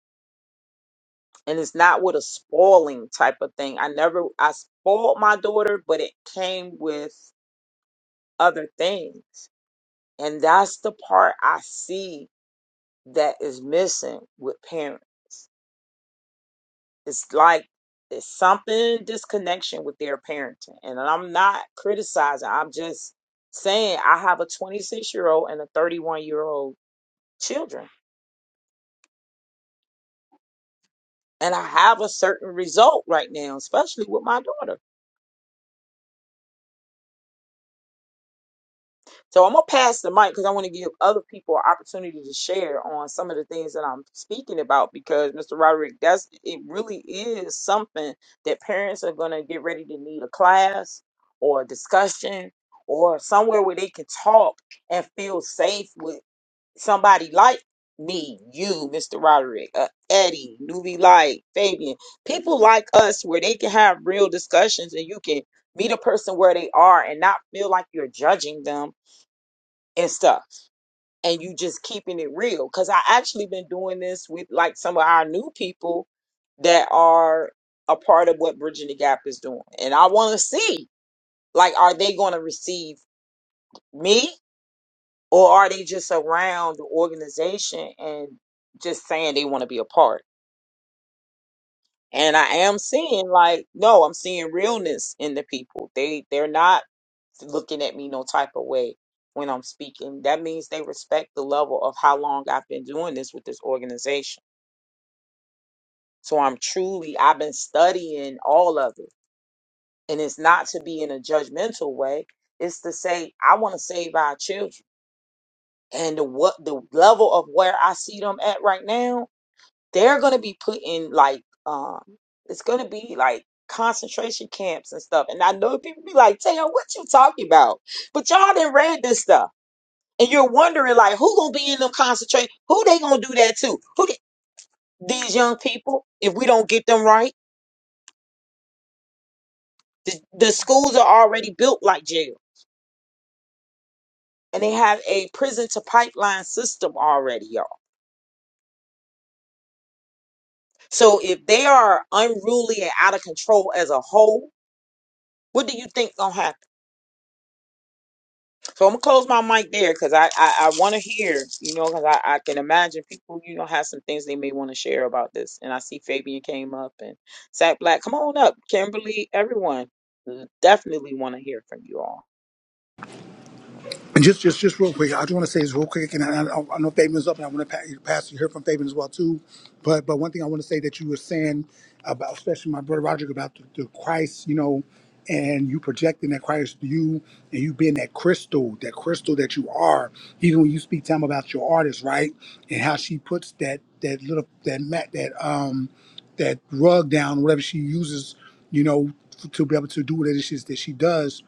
Speaker 2: And it's not with a spoiling type of thing. I never, I spoiled my daughter, but it came with other things. And that's the part I see that is missing with parents. It's like there's something disconnection with their parenting. And I'm not criticizing, I'm just saying I have a 26 year old and a 31 year old children. And I have a certain result right now, especially with my daughter. So I'm gonna pass the mic because I want to give other people an opportunity to share on some of the things that I'm speaking about because Mr. Roderick, that's it really is something that parents are gonna get ready to need a class or a discussion or somewhere where they can talk and feel safe with somebody like me, you, Mr. Roderick, uh, Eddie, Newbie Light, Fabian, people like us where they can have real discussions and you can meet a person where they are and not feel like you're judging them and stuff and you just keeping it real because i actually been doing this with like some of our new people that are a part of what bridging the gap is doing and i want to see like are they going to receive me or are they just around the organization and just saying they want to be a part and I am seeing like no, I'm seeing realness in the people. They they're not looking at me no type of way when I'm speaking. That means they respect the level of how long I've been doing this with this organization. So I'm truly I've been studying all of it, and it's not to be in a judgmental way. It's to say I want to save our children, and the what the level of where I see them at right now. they're going to be put in like um it's going to be like concentration camps and stuff and i know people be like tell what you talking about but y'all didn't read this stuff and you're wondering like who gonna be in them concentration who they gonna do that to who they- these young people if we don't get them right the, the schools are already built like jail and they have a prison to pipeline system already y'all so if they are unruly and out of control as a whole what do you think gonna happen So I'm gonna close my mic there because I I, I want to hear, you know, because I, I can imagine people, you know, have some things they may want to share about this. And I see Fabian came up and Sack Black, come on up, Kimberly, everyone, mm, definitely want to hear from you all.
Speaker 6: And just, just, just real quick, I just want to say this real quick, and I, I, I know Fabian's up, and I want to pass, pass you hear from Fabian as well too. But, but one thing I want to say that you were saying about, especially my brother Roger, about the, the Christ, you know, and you projecting that Christ to you, and you being that crystal, that crystal that you are. Even when you speak to him about your artist, right, and how she puts that that little that mat that um that rug down, whatever she uses, you know, to be able to do what it is that she does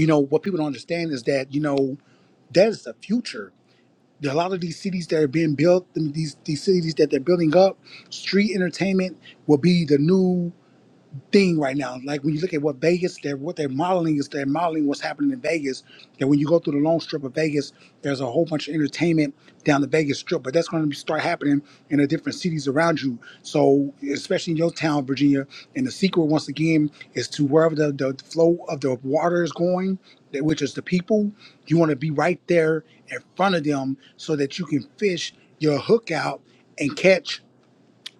Speaker 6: you know what people don't understand is that you know that is the future There are a lot of these cities that are being built and these these cities that they're building up street entertainment will be the new thing right now. Like when you look at what Vegas, they're, what they're modeling is they're modeling what's happening in Vegas. That when you go through the long strip of Vegas, there's a whole bunch of entertainment down the Vegas strip, but that's going to start happening in the different cities around you. So, especially in your town, Virginia. And the secret, once again, is to wherever the, the flow of the water is going, that- which is the people, you want to be right there in front of them so that you can fish your hook out and catch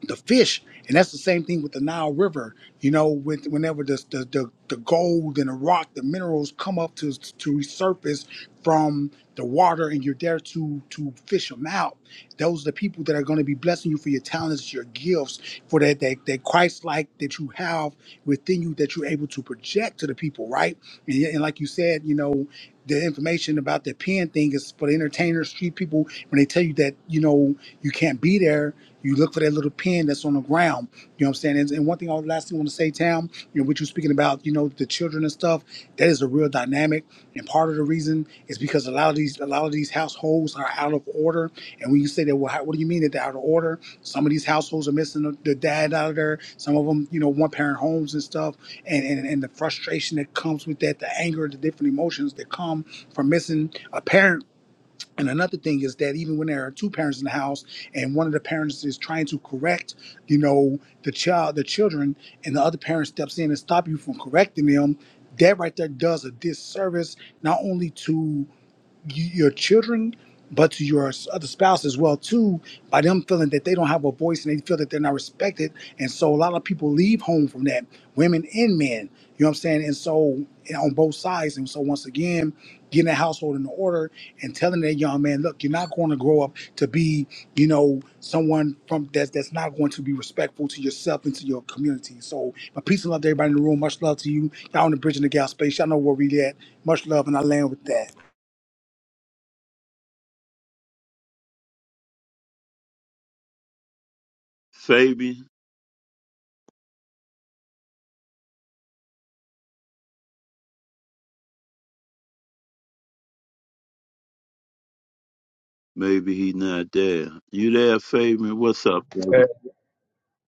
Speaker 6: the fish. And that's the same thing with the Nile River. You know, with whenever the the, the, the gold and the rock, the minerals come up to to resurface from the water, and you're there to to fish them out. Those are the people that are going to be blessing you for your talents, your gifts, for that that, that Christ like that you have within you that you're able to project to the people, right? And, yet- and like you said, you know, the information about the pen thing is for the entertainers, street people. When they tell you that, you know know you can't be there, you look for that little pin that's on the ground. You know what I'm saying? And, and one thing, I- last thing I want to say, Tam, you know, what you're speaking about, you know, the children and stuff, that is a real dynamic. And part of the reason is because a lot of these, a lot of these households are out of order. And when you say that, well, how, what do you mean that they're out of order? Some of these households are missing the, the dad out of there. Some of them, you know, one parent homes and stuff. And, and and the frustration that comes with that, the anger, the different emotions that come from missing a parent and another thing is that even when there are two parents in the house and one of the parents is trying to correct, you know, the child, the children, and the other parent steps in and stop you from correcting them, that right there does a disservice not only to you, your children, but to your s- other spouse as well too, by them feeling that they don't have a voice and they feel that they're not respected, and so a lot of people leave home from that, women and men. You know what I'm saying? And so and on both sides, and so once again, getting a household in order and telling that young man, look, you're not going to grow up to be, you know, someone from that's that's not going to be respectful to yourself and to your community. So, my peace and love to everybody in the room. Much love to you. Y'all on the bridge in the gal space. Y'all know where we at. Much love, and I land with that.
Speaker 1: Fabian, maybe he not there. You there, Fabian? What's up, brother?
Speaker 7: Hey,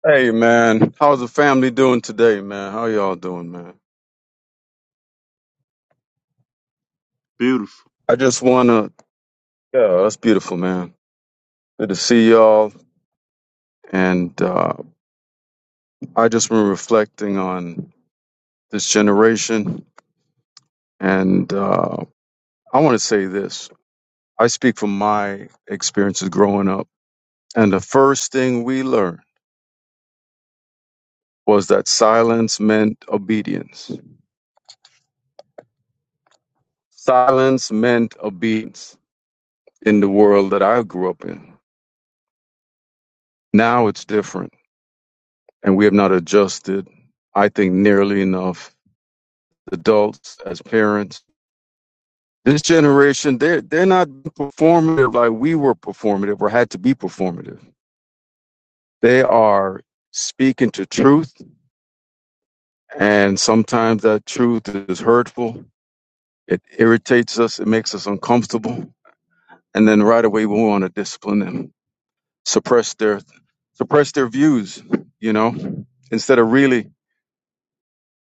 Speaker 7: hey, man, how's the family doing today, man? How y'all doing, man?
Speaker 1: Beautiful.
Speaker 7: I just wanna, yeah, that's beautiful, man. Good to see y'all, and uh, I just been reflecting on this generation, and uh, I want to say this. I speak from my experiences growing up, and the first thing we learned was that silence meant obedience. Silence meant obedience in the world that I grew up in. Now it's different and we have not adjusted, I think, nearly enough. Adults as parents, this generation, they're they're not performative like we were performative or had to be performative. They are speaking to truth, and sometimes that truth is hurtful. It irritates us. It makes us uncomfortable, and then right away we want to discipline them, suppress their suppress their views. You know, instead of really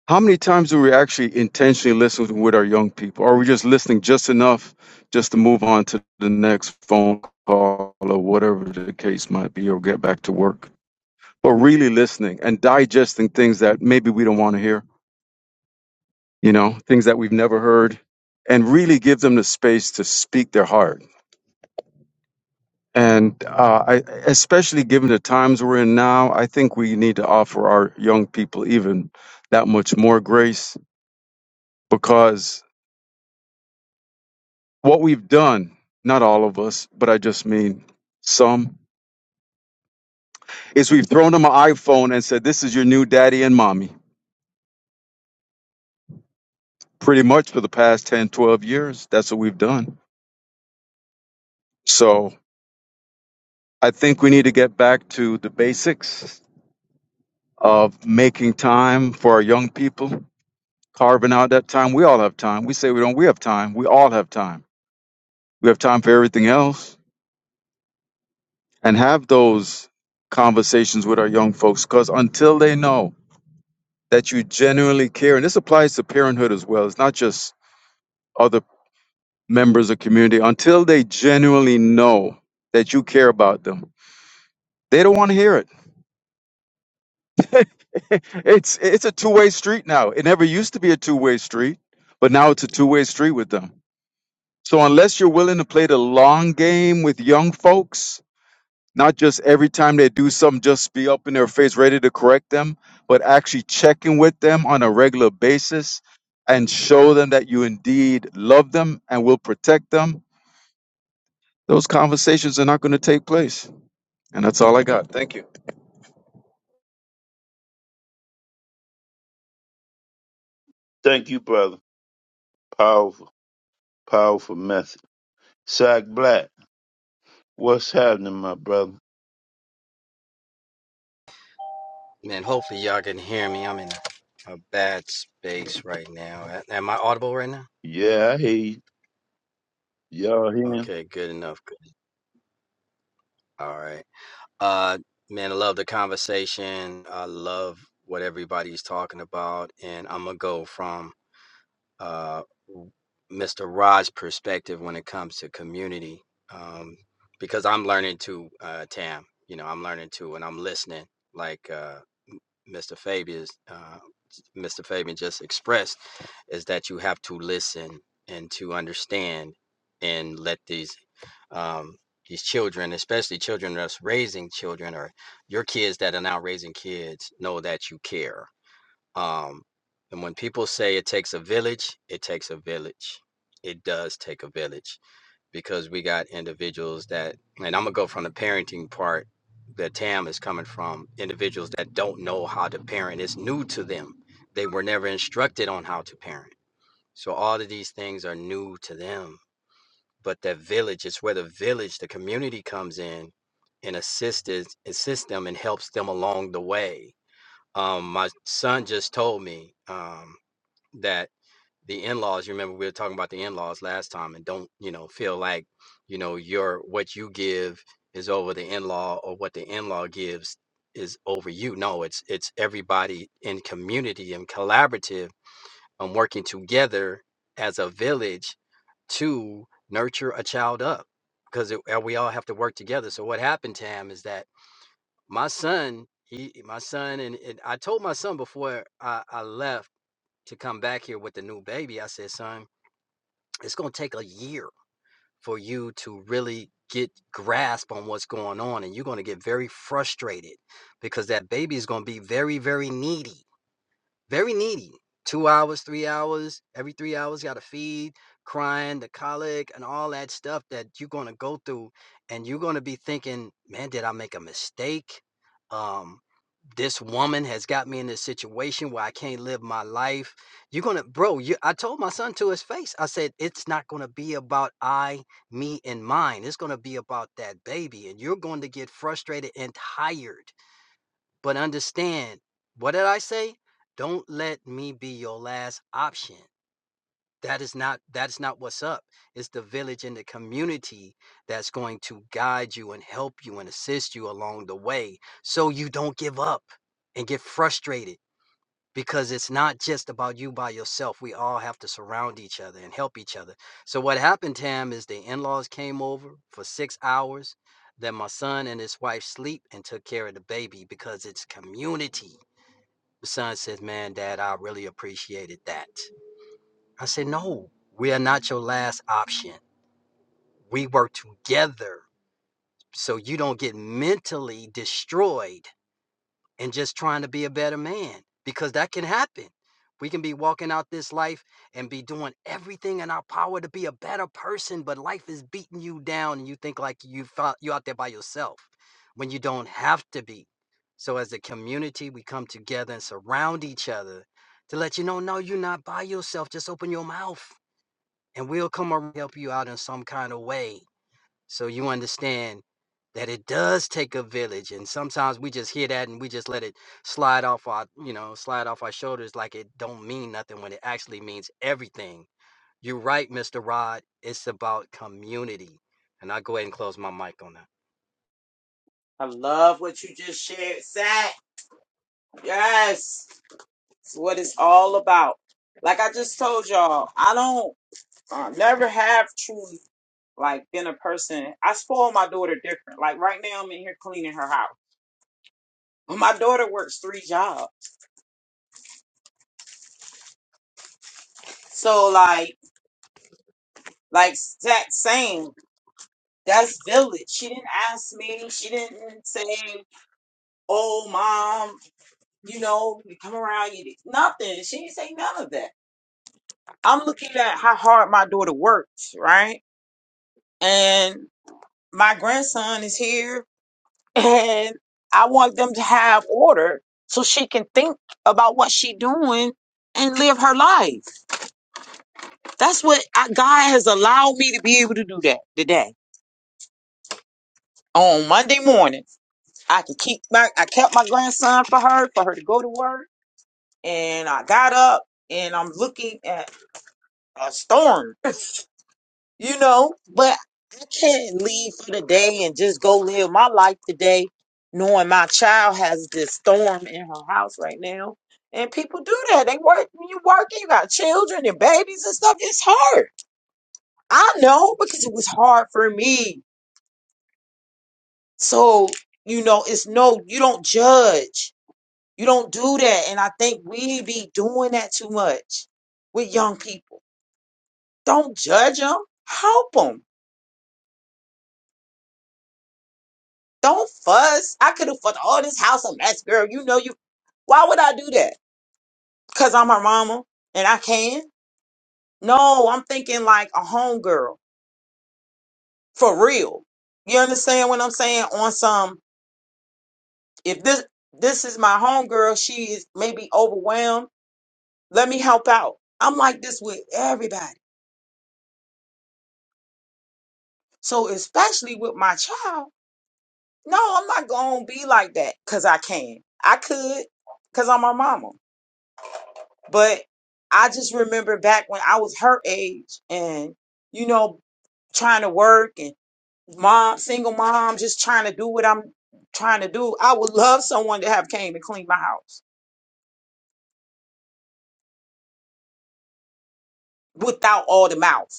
Speaker 7: How many times do we actually intentionally listen with our young people? Are we just listening just enough just to move on to the next phone call or whatever the case might be or get back to work? But really listening and digesting things that maybe we don't want to hear, you know, things that we've never heard, and really give them the space to speak their heart. And uh, I, especially given the times we're in now, I think we need to offer our young people even that much more grace because What we've done, not all of us, but I just mean some, is we've thrown them an iPhone and said, This is your new daddy and mommy. Pretty much for the past 10, 12 years, that's what we've done. So I think we need to get back to the basics of making time for our young people, carving out that time. We all have time. We say we don't, we have time. We all have time. We have time for everything else and have those conversations with our young folks because until they know that you genuinely care and this applies to parenthood as well it's not just other members of community until they genuinely know that you care about them they don't want to hear it it's it's a two-way street now it never used to be a two-way street but now it's a two-way street with them so unless you're willing to play the long game with young folks Not just every time they do something, just be up in their face, ready to correct them, but actually checking with them on a regular basis and show them that you indeed love them and will protect them. Those conversations are not going to take place. And that's all I got. Thank you.
Speaker 1: Thank you, brother. Powerful, powerful message. Sack Black, what's happening, my brother?
Speaker 8: Man, hopefully y'all can hear me. I'm in a, bad space right now. Am I audible right now?
Speaker 1: Yeah, I hear you. Y'all hearing
Speaker 8: Okay, good enough. Good. All right. Uh, man, I love the conversation. I love what everybody's talking about, and I'm gonna go from uh, Mr. Raj's perspective when it comes to community, um, because I'm learning too, uh, Tam. You know, I'm learning too, and I'm listening. Like uh, Mr. Fabian, uh, Mr. Fabian just expressed, is that you have to listen and to understand, and let these um, these children, especially children that's raising children or your kids that are now raising kids, know that you care um, and when people say it takes a village, it takes a village. It does take a village because we got individuals that, and I'm gonna go from the parenting part that Tam is coming from, individuals that don't know how to parent. It's new to them. They were never instructed on how to parent. So all of these things are new to them. But that village, it's where the village, the community comes in and assists, assists them and helps them along the way. Um, my son just told me. Um, that the in-laws you remember we were talking about the in-laws last time and don't you know feel like you know your what you give is over the in-law or what the in-law gives is over you no it's it's everybody in community and collaborative and working together as a village to nurture a child up because it, uh, we all have to work together so what happened Tam, is that my son he my son and, and i told my son before i, I left to come back here with the new baby, I said, son, it's going to take a year for you to really get grasp on what's going on. And you're going to get very frustrated because that baby is going to be very, very needy very needy. Two hours, three hours, every three hours, got to feed, crying, the colic, and all that stuff that you're going to go through. And you're going to be thinking, man, did I make a mistake? Um, this woman has got me in this situation where I can't live my life. You're going to, bro, you, I told my son to his face, I said, it's not going to be about I, me, and mine. It's going to be about that baby. And you're going to get frustrated and tired but understand, what did I say? Don't let me be your last option. That is not that is not what's up. It's the village and the community that's going to guide you and help you and assist you along the way so you don't give up and get frustrated because it's not just about you by yourself. We all have to surround each other and help each other. So what happened, Tam, is the in-laws came over for six hours. Then my son and his wife sleep and took care of the baby because it's community the son says, Man, dad, I really appreciated that. I said, No, we are not your last option. We work together so you don't get mentally destroyed and just trying to be a better man because that can happen. We can be walking out this life and be doing everything in our power to be a better person, but life is beating you down and you think like you fou- you out there by yourself when you don't have to be. So as a community, we come together and surround each other to let you know, no, you're not by yourself. Just open your mouth and we'll come and help you out in some kind of way so you understand that it does take a village and sometimes we just hear that and we just let it slide off our you know slide off our shoulders like it don't mean nothing when it actually means everything you're right mr rod it's about community and i'll go ahead and close my mic on that
Speaker 2: I love what you just shared, Sack. Yes, it's what it's all about. Like I just told y'all, I don't uh, never have truly like been a person. I spoil my daughter different. Like right now, I'm in here cleaning her house. My daughter works three jobs. So like like that saying, that's village. She didn't ask me. She didn't say, "Oh, mom, you know, you come around." You did nothing. She didn't say none of that. I'm looking at how hard my daughter works, right? And my grandson is here, and I want them to have order so she can think about what she doing and live her life. That's what I, God has allowed me to be able to do that today on Monday morning. I could keep my I kept my grandson for her for her to go to work and I got up and I'm looking at a storm, you know, but I can't leave for the day and just go live my life today knowing my child has this storm in her house right now. And people do that. They work when you working, you got children and babies and stuff. It's hard. I know because it was hard for me. So, you know, it's no you don't judge You don't do that. And I think we be doing that too much with young people. Don't judge them. Help them. Don't fuss. I could have fucked all this house a mess, girl. You know you. Why would I do that? Because I'm her mama and I can? No, I'm thinking like a homegirl. For real. You understand what I'm saying? On some, if this this is my homegirl, she is maybe overwhelmed. Let me help out. I'm like this with everybody. So especially with my child. No, I'm not gonna be like that because I can. I could because I'm her mama. But I just remember back when I was her age and, you know, trying to work and mom, single mom, just trying to do what I'm trying to do. I would love someone to have came and cleaned my house without all the mouth.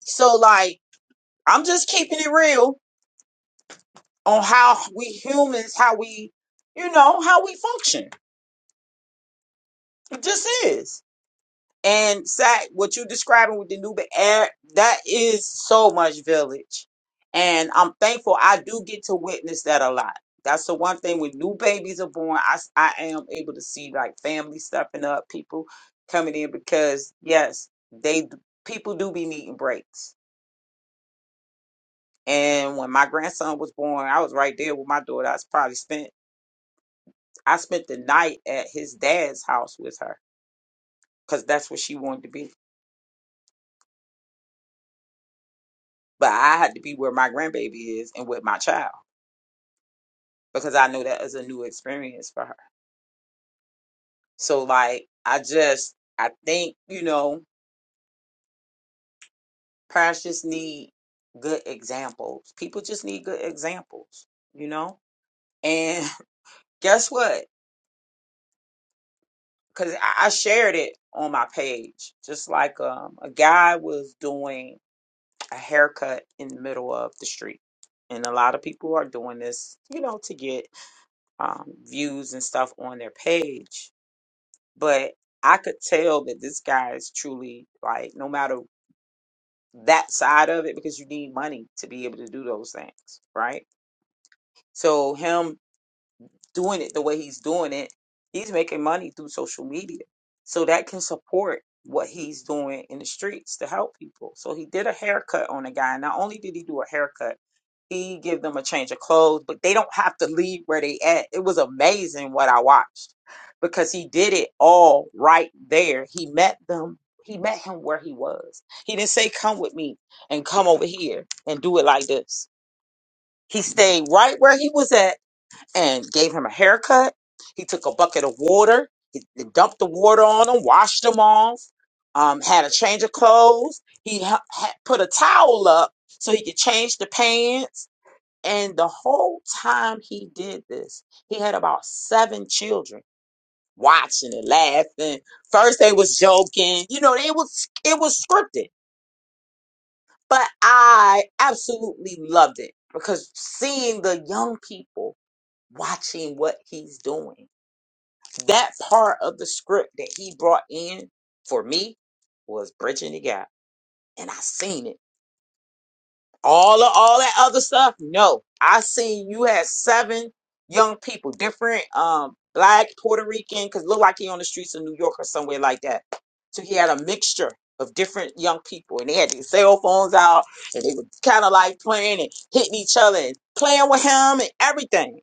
Speaker 2: So like, I'm just keeping it real on how we humans, how we, you know, how we function. It just is. And Sack, what you're describing with the new air, that is so much village. And I'm thankful I do get to witness that a lot. That's the one thing when new babies are born, I, s- I am able to see like family stepping up, people coming in because yes, they people do be needing breaks. And when my grandson was born, I was right there with my daughter. I was probably spent I spent the night at his dad's house with her because that's what she wanted to be But I had to be where my grandbaby is and with my child because I know that is a new experience for her. So like I just I think, you know, parents just need good examples. People just need good examples, you know? And guess what? Cause I I shared it on my page. Just like um a guy was doing a haircut in the middle of the street. And a lot of people are doing this, you know, to get um, views and stuff on their page but I could tell that this guy is truly like no matter that side of it because you need money to be able to do those things, right? So him doing it the way he's doing it, he's making money through social media. So that can support what he's doing in the streets to help people. So he did a haircut on a guy. Not only did he do a haircut, he give them a change of clothes, but they don't have to leave where they at. It was amazing what I watched because he did it all right there. He met them. He met him where he was. He didn't say, come with me and come over here and do it like this. He stayed right where he was at and gave him a haircut. He took a bucket of water, he he dumped the water on him, washed him off, um, had a change of clothes. He ha- had put a towel up so he could change the pants. And the whole time he did this, he had about seven children watching and laughing. First they was joking, you know, it was it was scripted, but I absolutely loved it because seeing the young people watching what he's doing That part of the script that he brought in for me was bridging the gap, and I seen it. All of all that other stuff, no. I seen you had seven young people, different um black, Puerto Rican, because looked like he on the streets of New York or somewhere like that. So he had a mixture of different young people, and they had their cell phones out, and they were kind of like playing and hitting each other and playing with him and everything.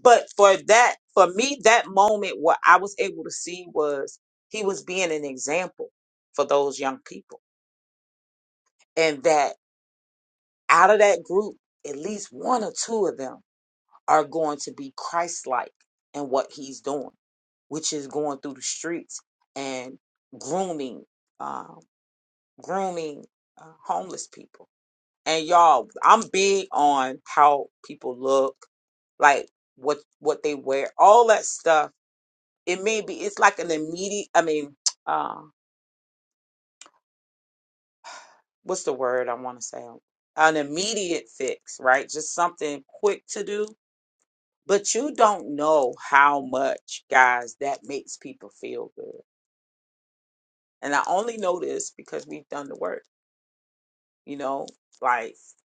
Speaker 2: But for that, for me, that moment, what I was able to see was he was being an example for those young people. And that out of that group, at least one or two of them are going to be Christ like in what he's doing, which is going through the streets and grooming, um, grooming uh, homeless people. And y'all, I'm big on how people look, like what what they wear, all that stuff it may be it's like an immediate i mean uh what's the word i want to say an immediate fix right just something quick to do but you don't know how much guys that makes people feel good and i only know this because we've done the work you know like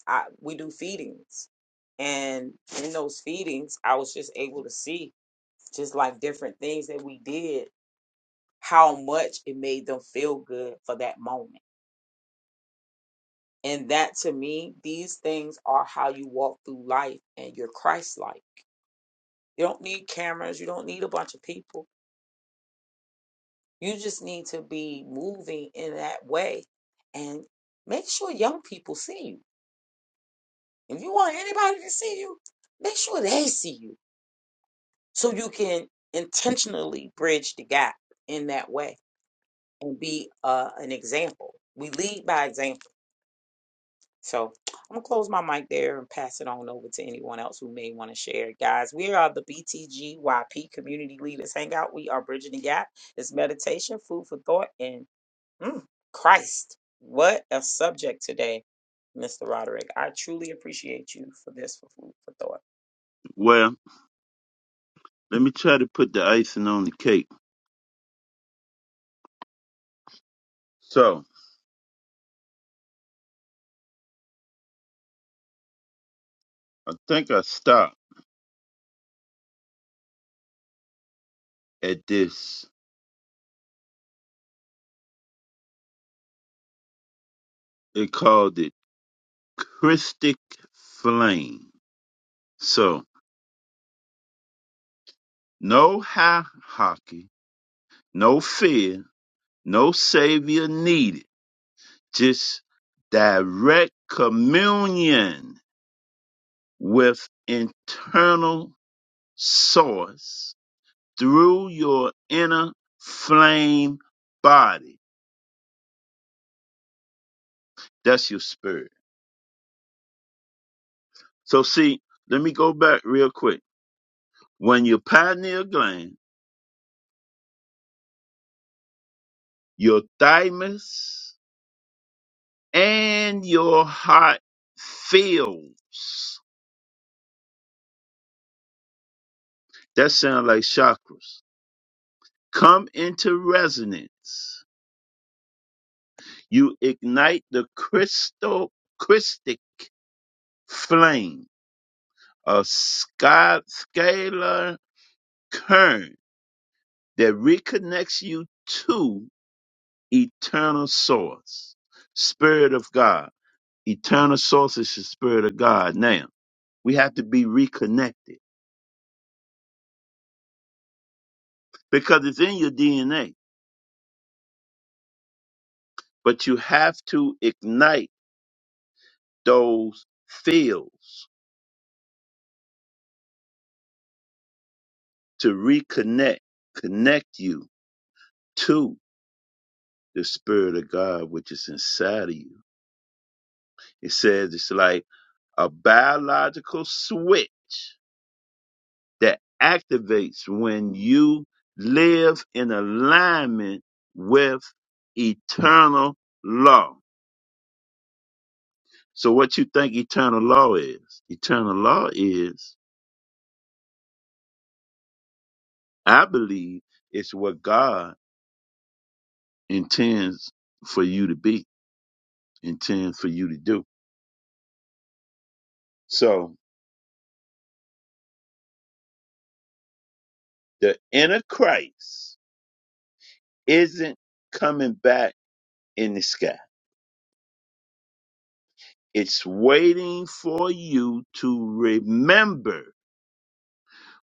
Speaker 2: i we do feedings and in those feedings i was just able to see just like different things that we did how much it made them feel good for that moment And that to me, these things are how you walk through life and you're Christ like. You don't need cameras, you don't need a bunch of people. You just need to be moving in that way and make sure young people see you. If you want anybody to see you, make sure they see you so you can intentionally bridge the gap in that way and be uh, an example. We lead by example So I'm gonna close my mic there and pass it on over to anyone else who may want to share. Guys, we are the BTGYP Community Leaders Hangout. We are bridging the gap. It's meditation, food for thought, and mm, Christ. What a subject today, Mr. Roderick. I truly appreciate you for this for food for thought.
Speaker 1: Well, let me try to put the icing on the cake. So I think I stopped at this. They called it Christic Flame. So no hierarchy, no fear, no savior needed. Just direct communion with internal source through your inner flame body. That's your spirit. So see, let me go back real quick. When your pineal gland, your thymus, and your heart fills, that sounds like chakras, come into resonance, you ignite the crystal crystic flame, a sky, scalar current that reconnects you to eternal source, spirit of God Eternal source is the Spirit of God. Now, we have to be reconnected because it's in your DNA, but you have to ignite those fields to reconnect, connect you to the Spirit of God, which is inside of you. It says it's like a biological switch that activates when you live in alignment with eternal law. So what you think eternal law is? Eternal law is, I believe, it's what God intends for you to be, intends for you to do. So the inner Christ isn't coming back in the sky. It's waiting for you to remember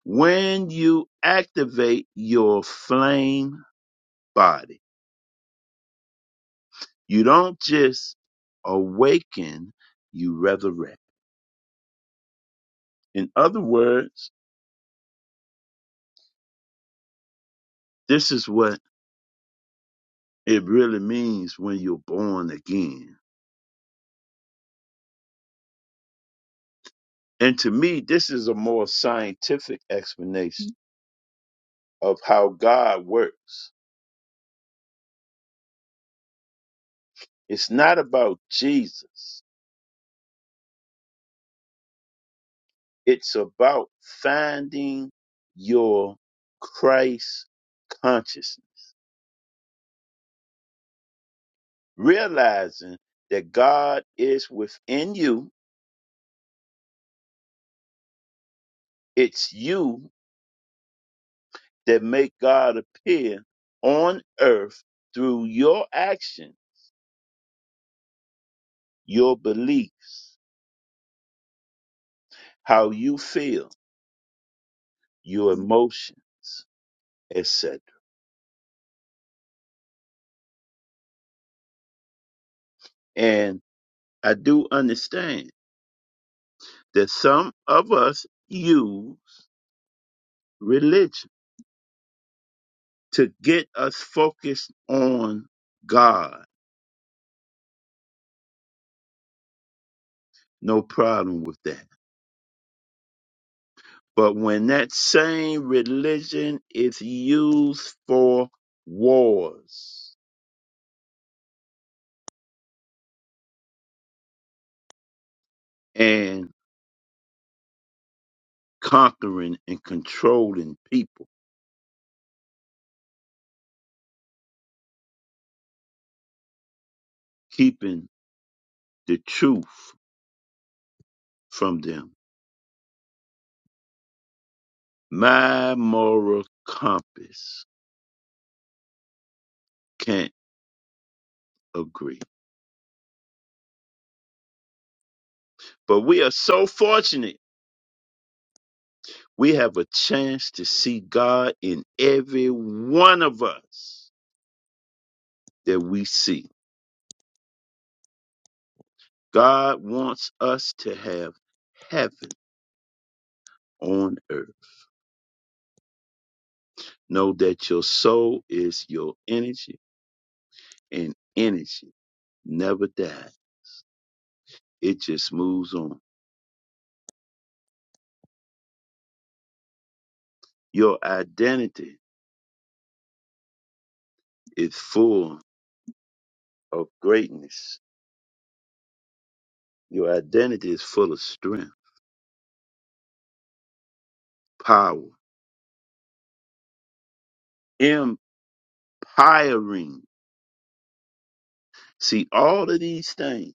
Speaker 1: when you activate your flame body. You don't just awaken, you resurrect. In other words, This is what it really means when you're born again. And to me, this is a more scientific explanation of how God works. It's not about Jesus, it's about finding your Christ consciousness, realizing that God is within you. It's you that make God appear on earth through your action, your beliefs. how you feel, your emotions, etc. And I do understand that some of us use religion to get us focused on God. No problem with that. But when that same religion is used for wars and conquering and controlling people, keeping the truth from them My moral compass can't agree. But we are so fortunate we have a chance to see God in every one of us that we see. God wants us to have heaven on earth. Know that your soul is your energy and energy never dies. It just moves on. Your identity is full of greatness. Your identity is full of strength, power, Empiring. See, all of these things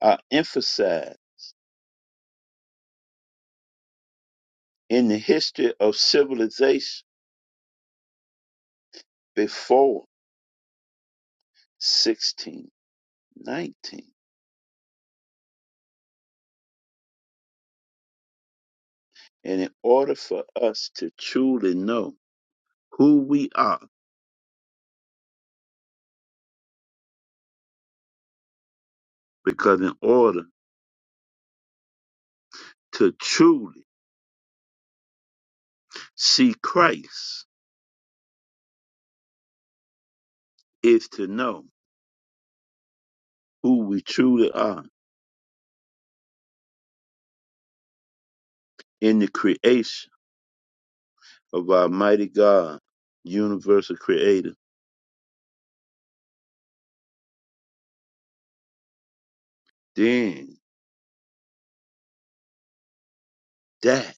Speaker 1: are emphasized in the history of civilization before 1619. And in order for us to truly know who we are, because in order to truly see Christ is to know who we truly are in the creation of our mighty God, universal creator, then that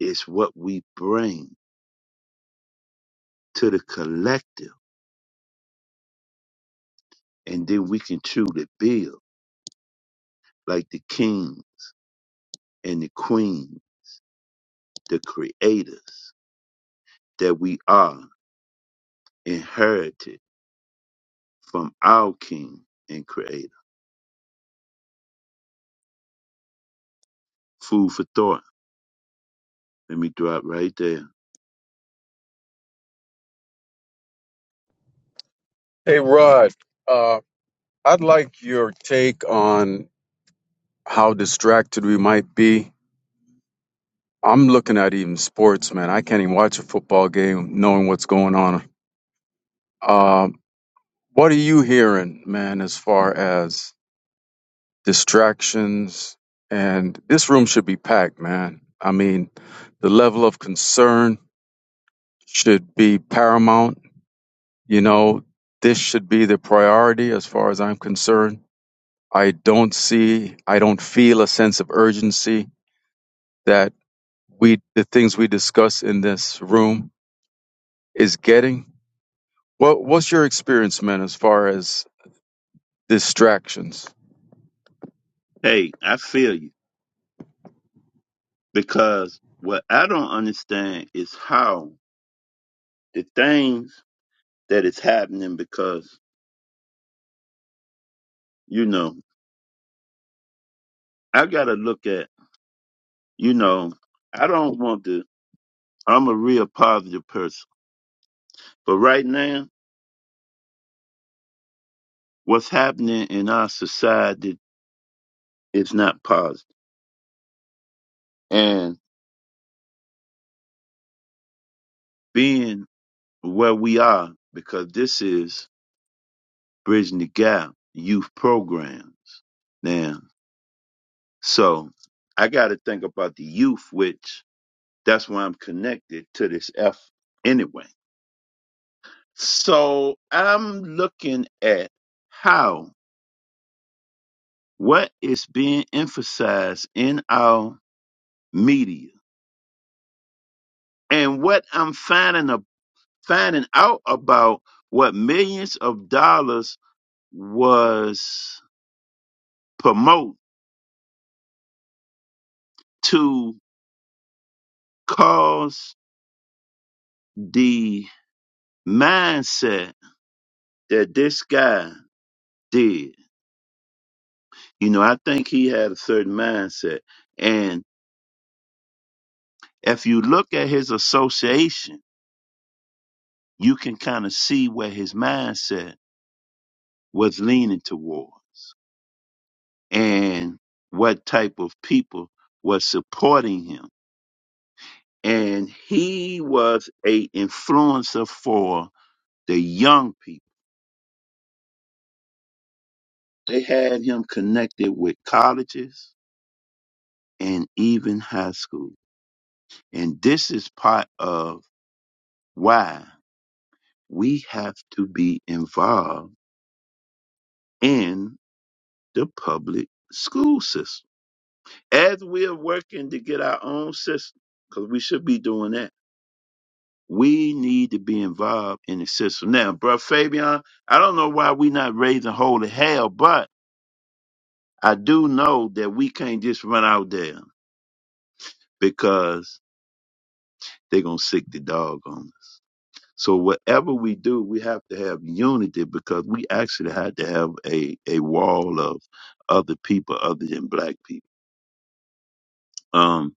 Speaker 1: is what we bring to the collective, and then we can truly build like the king and the queen, the creators that we are inherited from our king and creator. Food for thought. Let me drop right there.
Speaker 7: Hey, Rod, uh, I'd like your take on how distracted we might be. I'm looking at even sports, man. I can't even watch a football game knowing what's going on. Um, what are you hearing, man, as far as distractions, and this room should be packed, man. I mean, the level of concern should be paramount. You know, this should be the priority as far as I'm concerned. I don't see, I don't feel a sense of urgency that we, the things we discuss in this room is getting. What, what's your experience, man, as far as distractions?
Speaker 1: Hey, I feel you because what I don't understand is how the things that is happening because, you know, I got to look at, you know, I don't want to, I'm a real positive person, but right now what's happening in our society is not positive. And being where we are, because this is Bridging the Gap Youth Programs. Now, so I got to think about the youth, which that's why I'm connected to this F anyway. So I'm looking at how what is being emphasized in our media and what I'm finding finding out about what millions of dollars was promote to cause the mindset that this guy did. You know, I think he had a certain mindset. And if you look at his association, you can kind of see where his mindset was leaning toward and what type of people was supporting him and he was a influencer for the young people. They had him connected with colleges and even high school. And this is part of why we have to be involved in the public school system. As we are working to get our own system, because we should be doing that, we need to be involved in the system. Now, bro, Fabian, I don't know why we not raising holy hell, but I do know that we can't just run out there because they're going to sick the dog on us. So whatever we do, we have to have unity because we actually had to have a, a wall of other people other than black people. Um,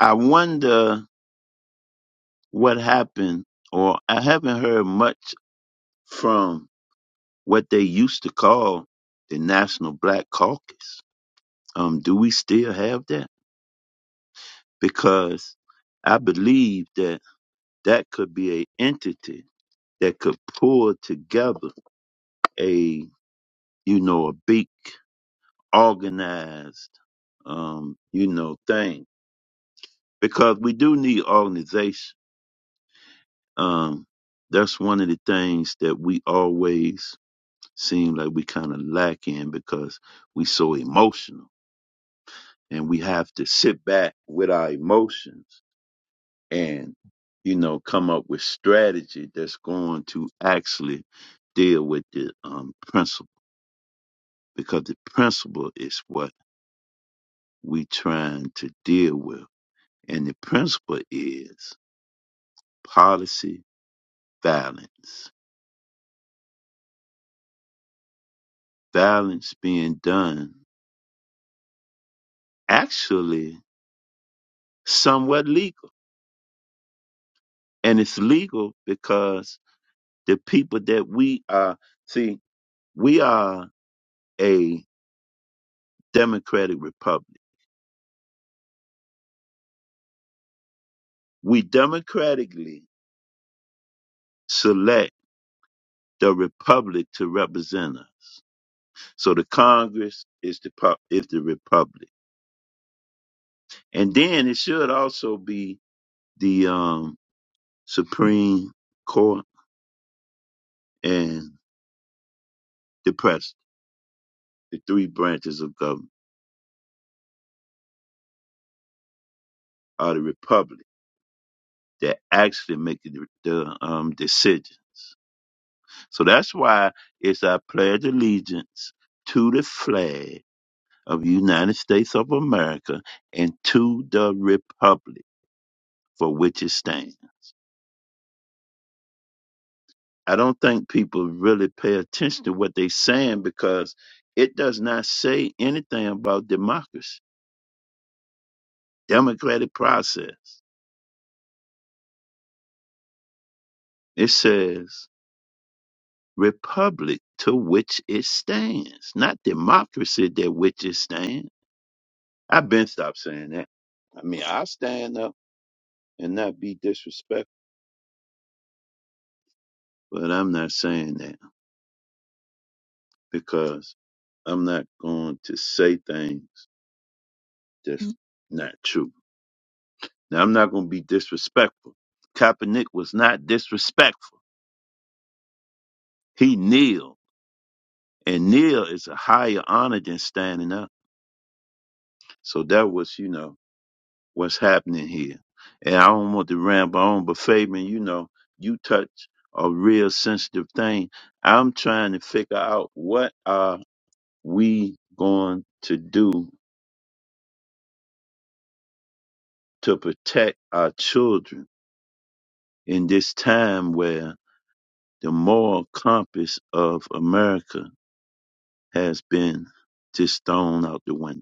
Speaker 1: I wonder what happened or I haven't heard much from what they used to call the National Black Caucus. Um, do we still have that? Because I believe that that could be a entity that could pull together a you know a big organized um you know thing because we do need organization um that's one of the things that we always seem like we kind of lack in because we so emotional and we have to sit back with our emotions and you know come up with strategy that's going to actually deal with the um, principle because the principle is what we trying to deal with. And the principle is policy violence. Violence being done actually somewhat legal. And it's legal because the people that we are, see, we are a democratic republic. We democratically select the republic to represent us. So the Congress is the, pub- is the republic And then it should also be the um, Supreme Court and the President. The three branches of government are the Republic that actually make the, the um, decision. So that's why it's our pledge allegiance to the flag of the United States of America and to the Republic for which it stands. I don't think people really pay attention to what they're saying because it does not say anything about democracy democratic process. It says republic to which it stands, not democracy that which it stands. I've been stopped saying that. I mean, I stand up and not be disrespectful, but I'm not saying that because I'm not going to say things that's Mm. not true. Now, I'm not going to be disrespectful. Kaepernick was not disrespectful. He kneeled, and kneel is a higher honor than standing up. So that was, you know, what's happening here. And I don't want to ramble on, but Fabian, you know, you touch a real sensitive thing. I'm trying to figure out what are we going to do to protect our children in this time where the moral compass of America has been just thrown out the window.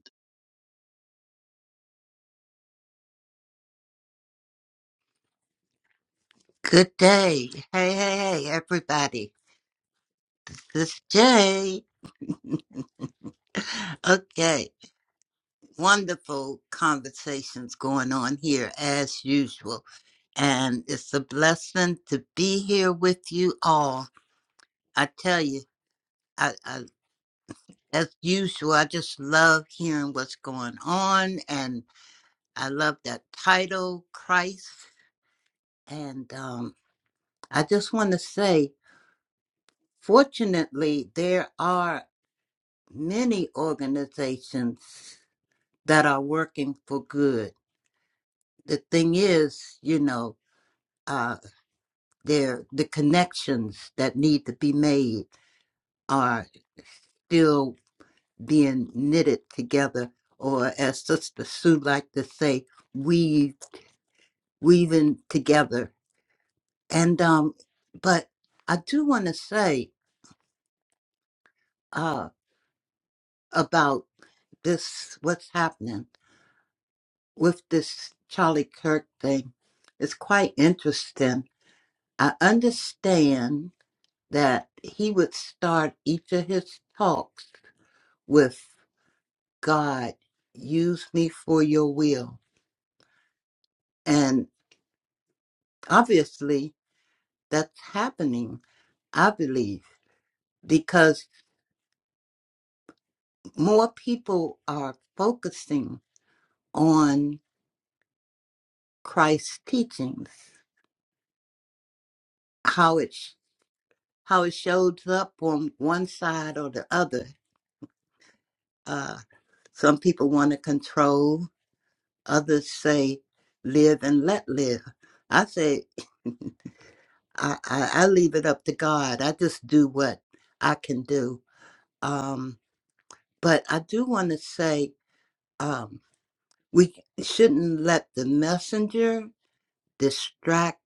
Speaker 9: Good day. Hey, hey, hey, everybody. This Jay. Okay. Wonderful conversations going on here as usual. And it's a blessing to be here with you all. I tell you, I, I, as usual, I just love hearing what's going on. And I love that title, Christ. And um, I just want to say, fortunately, there are. many organizations that are working for good. The thing is, you know, uh, there the connections that need to be made are still being knitted together, or as Sister Sue like to say, weave weaving together. And um, but I do want to say uh about this what's happening with this Charlie Kirk thing. It's quite interesting I understand that he would start each of his talks with God, use me for your will. And obviously, that's happening, I believe, because more people are focusing on Christ's teachings, how it, sh- how it shows up on one side or the other. Uh, some people want to control Others say, live and let live. I say, I, I, I leave it up to God. I just do what I can do. Um, but I do want to say um, we shouldn't let the messenger distract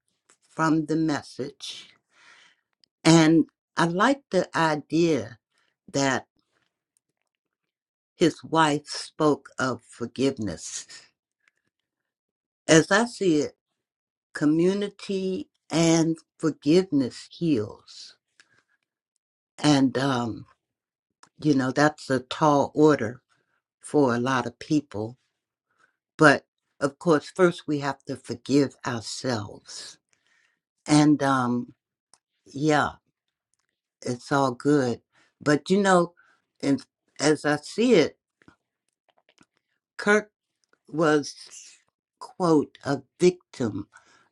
Speaker 9: from the message. And I like the idea that his wife spoke of forgiveness. As I see it, community and forgiveness heals And, um, you know, that's a tall order for a lot of people. But of course, first we have to forgive ourselves. And, um, yeah, it's all good. But, you know, and as I see it, Kirk was, quote, a victim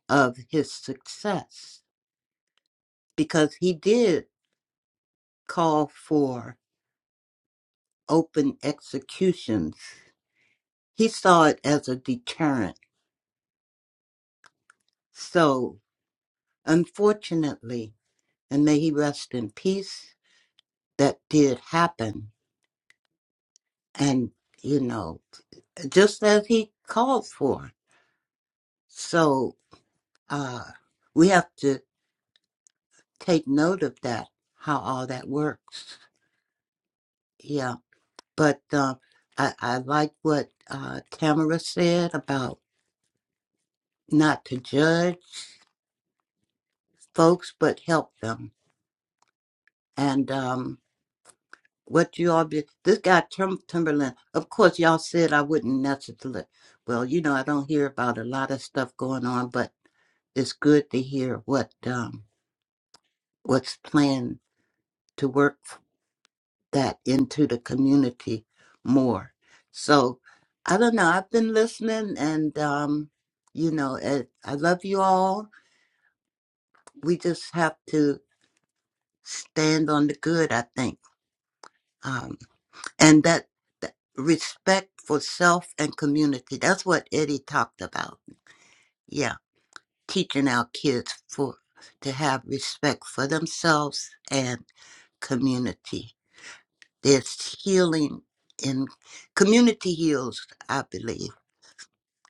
Speaker 9: of his success because he did call for open executions. He saw it as a deterrent. So, Unfortunately, and may he rest in peace, that did happen. And, you know, just as he called for. So uh, we have to take note of that, how all that works. Yeah. But uh, I, I like what uh, Tamara said about not to judge folks, but help them. And um, what you all be this guy Tim, Timberland. Of course, y'all said I wouldn't necessarily. Well, you know, I don't hear about a lot of stuff going on, but it's good to hear what um what's planned to work that into the community more. So I don't know. I've been listening, and um, you know, eh, I love you all. We just have to stand on the good. I think. um, and that, that respect for self and community that's what eddie talked about yeah teaching our kids for to have respect for themselves and community there's healing in community heals i believe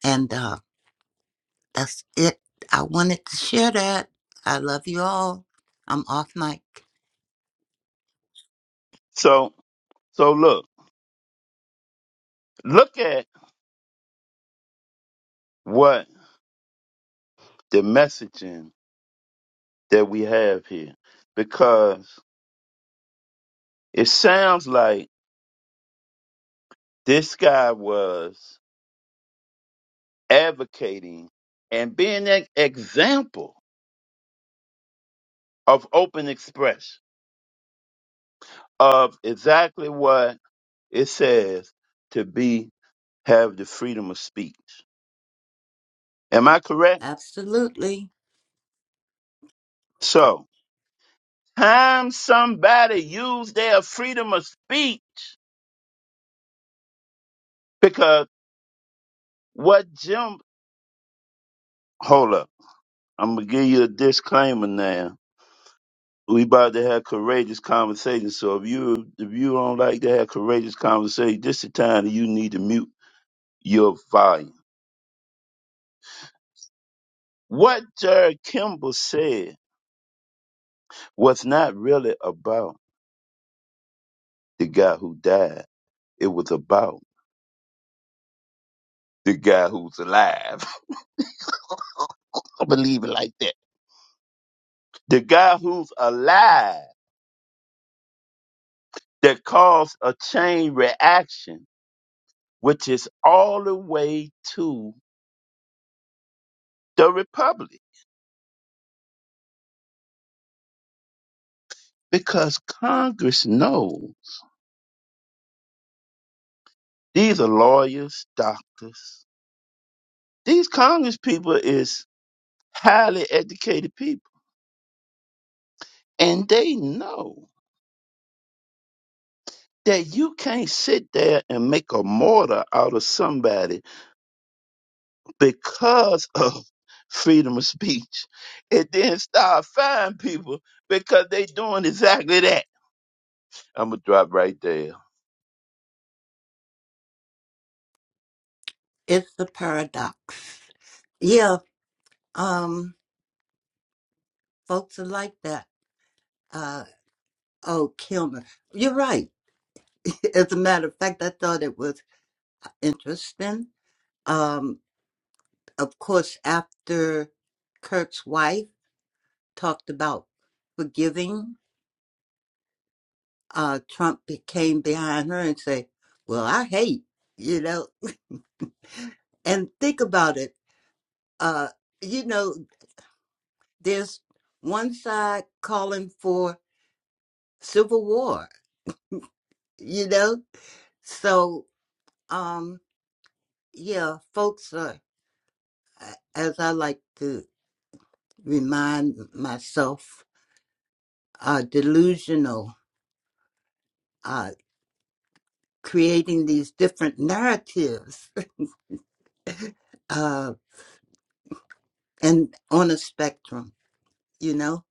Speaker 9: and uh, that's it i wanted to share that i love you all i'm off mic
Speaker 1: So, so look, look at what the messaging that we have here, because It sounds like this guy was advocating and being an example of open expression of exactly what it says to be have the freedom of speech. Am I correct?
Speaker 9: absolutely
Speaker 1: So, time somebody used their freedom of speech because what Jim, hold up, I'm gonna give you a disclaimer now we about to have courageous conversations. So if you if you don't like to have courageous conversations, this is the time that you need to mute your volume. What Jared Kimball said was not really about the guy who died. It was about the guy who's alive. I believe it like that. The guy who's alive that caused a chain reaction, which is all the way to the Republic. Because Congress knows. These are lawyers, doctors. These Congress people is highly educated people. And they know that you can't sit there and make a martyr out of somebody because of freedom of speech. And then start firing people because they doing exactly that. I'm gonna drop right there.
Speaker 9: it's the paradox yeah um folks are like that Uh, Oh, Kilmer. You're right. As a matter of fact, I thought it was interesting. Um, of course, after Kurt's wife talked about forgiving, uh, Trump be- came behind her and said, Well, I hate, you know. And think about it. Uh, you know, there's one side calling for civil war, you know? So, um, yeah, folks are, a- as I like to remind myself uh, delusional, uh, creating these different narratives uh, and on a spectrum, you know.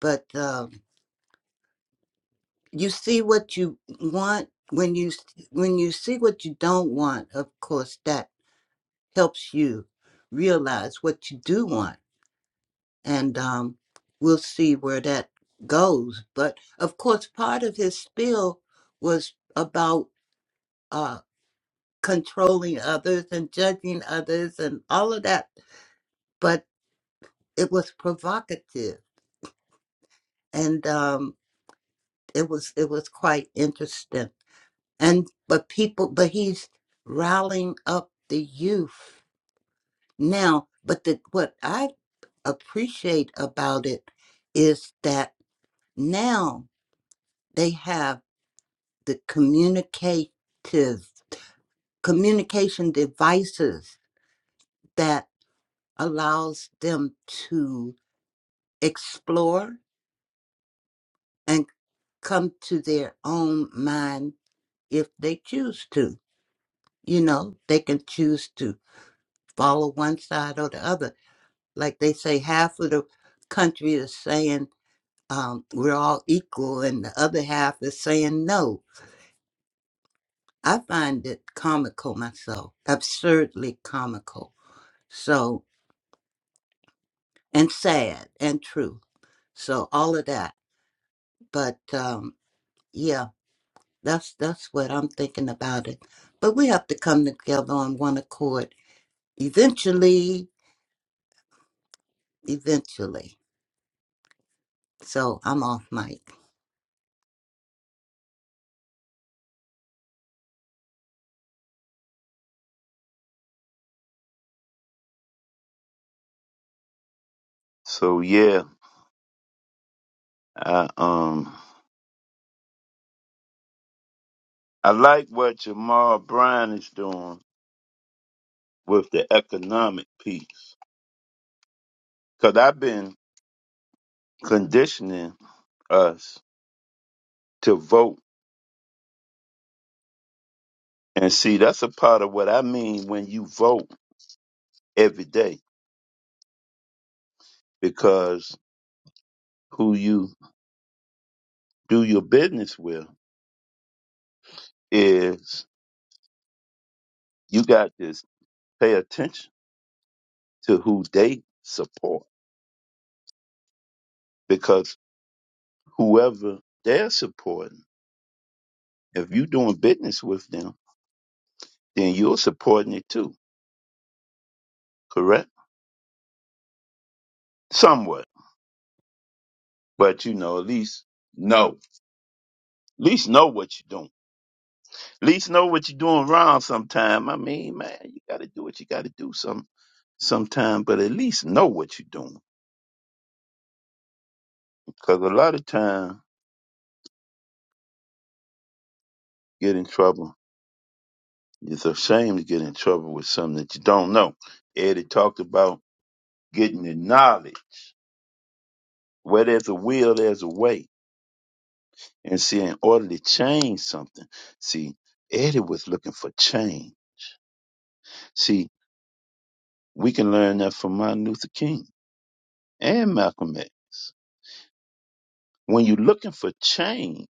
Speaker 9: But um you see what you want when you s- when you see what you don't want. Of course, that helps you realize what you do want, and um, we'll see where that goes. But of course, part of his spiel was about. uh, controlling others and judging others and all of that but it was provocative and um it was it was quite interesting and but people but he's rallying up the youth now but the, what i appreciate about it is that now they have the communicative communication devices that allows them to explore and come to their own mind if they choose to. You know, they can choose to follow one side or the other. Like they say, half of the country is saying um, we're all equal, and the other half is saying no. I find it comical myself, absurdly comical. So, and sad and true. So, all of that. But um, yeah, That's that's what I'm thinking about it. But we have to come together on one accord eventually, eventually. So I'm off mic.
Speaker 1: So yeah, I um I like what Jamal Brown is doing with the economic piece. Cause I've been conditioning us to vote. And see, that's a part of what I mean when you vote every day, because who you do your business with is you got to pay attention to who they support, because whoever they're supporting, if you're doing business with them, then you're supporting it too, correct? Somewhat, but you know, at least know, at least know what you're doing. At least know what you're doing wrong sometime. I mean, man, you got to do what you got to do some sometime, but at least know what you're doing. Because a lot of time, you get in trouble. It's a shame to get in trouble with something that you don't know. Eddie talked about getting the knowledge. Where there's a will, there's a way. And see, in order to change something, see, Eddie was looking for change. See, we can learn that from Martin Luther King and Malcolm X. When you're looking for change,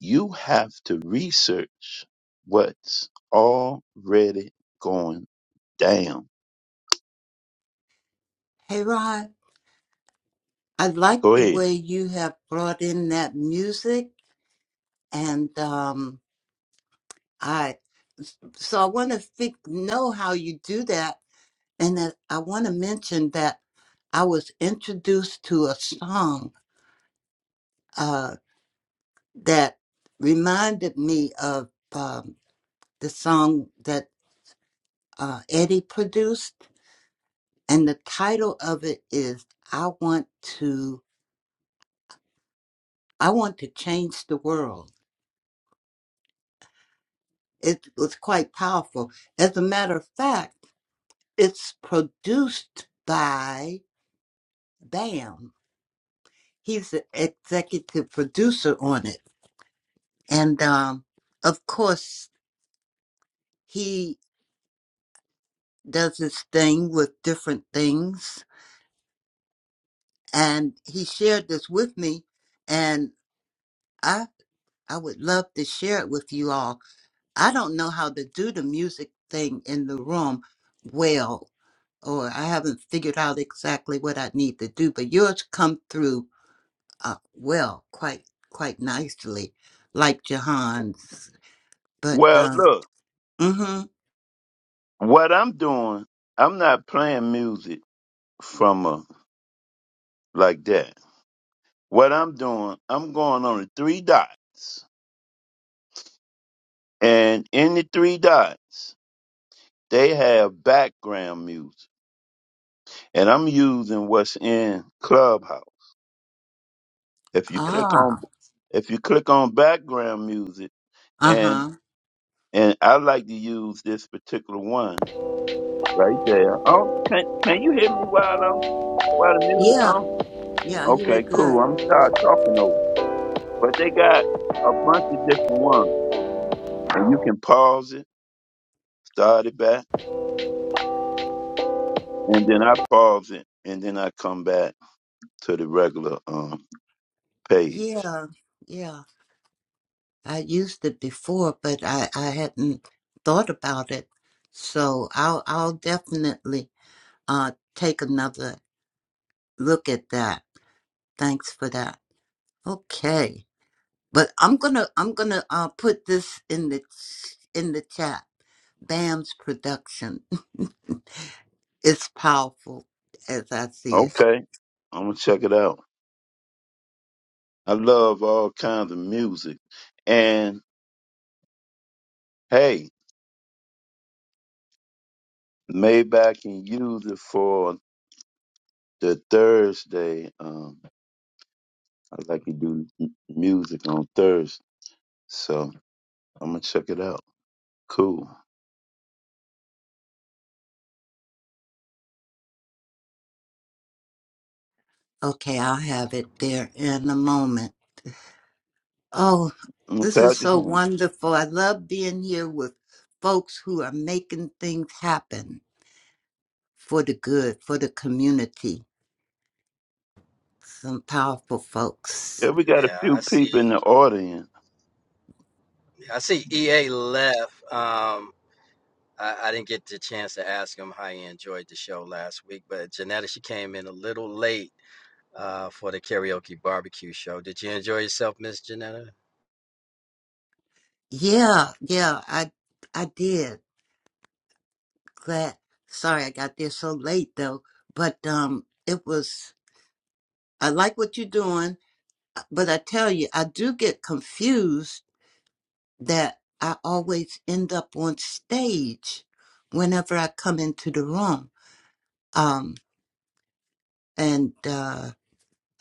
Speaker 1: you have to research what's already going down.
Speaker 9: Hey Rod, I like
Speaker 1: Go
Speaker 9: the
Speaker 1: ahead.
Speaker 9: way you have brought in that music and um I so I want to think, know how you do that and that I want to mention that I was introduced to a song uh that reminded me of um the song that uh, Eddie produced, and the title of it is "I Want to I Want to Change the World." It was quite powerful. As a matter of fact, it's produced by Bam. He's the executive producer on it, and um, of course, he does his thing with different things. And he shared this with me, and I I would love to share it with you all I don't know how to do the music thing in the room well, or I haven't figured out exactly what I need to do. But yours come through uh, well, quite quite nicely, like Jahan's. But
Speaker 1: Well,
Speaker 9: uh,
Speaker 1: look,
Speaker 9: mm-hmm.
Speaker 1: what I'm doing, I'm not playing music from a like that. What I'm doing, I'm going on the three dots, and in the three dots, they have background music, and I'm using what's in Clubhouse. If you click on
Speaker 9: Ah,
Speaker 1: if you click on background music
Speaker 9: uh
Speaker 1: and
Speaker 9: huh.
Speaker 1: and I like to use this particular one right there. Oh, can can you hear me while I'm while the music
Speaker 9: Yeah,
Speaker 1: on?
Speaker 9: yeah. I hear it
Speaker 1: Okay, cool.
Speaker 9: good.
Speaker 1: I'm tired talking over. But they got a bunch of different ones. And you can pause it, start it back, and then I pause it and then I come back to the regular um page.
Speaker 9: Yeah, yeah. I used it before, but I I hadn't thought about it. So I'll I'll definitely uh take another look at that Thanks for that. Okay. But I'm gonna I'm gonna uh put this in the ch- in the chat. Bam's production is powerful as I see it.
Speaker 1: Okay, I'm gonna check it out. I love all kinds of music. And hey, Maybach can use it for the Thursday. Um, I like to do m- music on Thursday, so I'm gonna check it out. Cool.
Speaker 9: Okay, I'll have it there in a moment. Oh, this
Speaker 1: Okay, I
Speaker 9: is
Speaker 1: just
Speaker 9: so
Speaker 1: want-
Speaker 9: wonderful. I love being here with folks who are making things happen for the good, for the community. Some powerful folks.
Speaker 1: yeah, we got a
Speaker 8: yeah
Speaker 1: few
Speaker 8: i
Speaker 1: people
Speaker 8: see
Speaker 1: in the audience.
Speaker 8: i see ea left um I, I didn't get the chance to ask him how he enjoyed the show last week but janetta she came in a little late uh, for the karaoke barbecue show did you enjoy yourself miss janetta
Speaker 9: Yeah, yeah, I I did. Glad. Sorry I got there so late though, but um, it was. I like what you're doing, but I tell you, I do get confused that I always end up on stage whenever I come into the room. Um, and uh,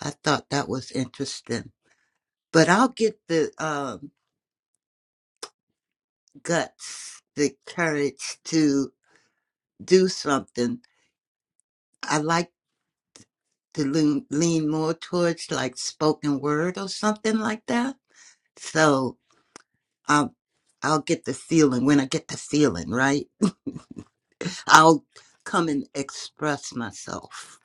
Speaker 9: I thought that was interesting. But I'll get the um guts, the courage to do something. I like to lean, lean more towards like spoken word or something like that So I'll I'll get the feeling when I get the feeling, right? I'll come and express myself.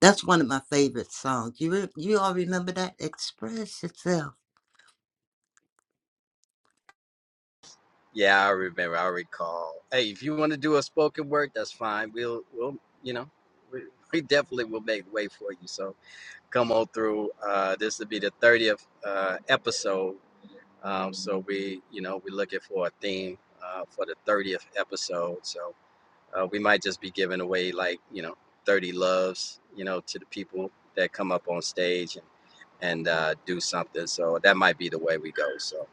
Speaker 9: That's one of my favorite songs. You re- you all remember that? Express yourself.
Speaker 8: Yeah, I remember. I recall. Hey, if you want to do a spoken word, that's fine. We'll, we'll, you know, we, we definitely will make way for you. So come on through. Uh, this will be the thirtieth uh, episode. Um, so we, you know, we're looking for a theme uh, for the thirtieth episode. So uh, we might just be giving away like you know 30 loves, you know, to the people that come up on stage and and uh, do something. So that might be the way we go. So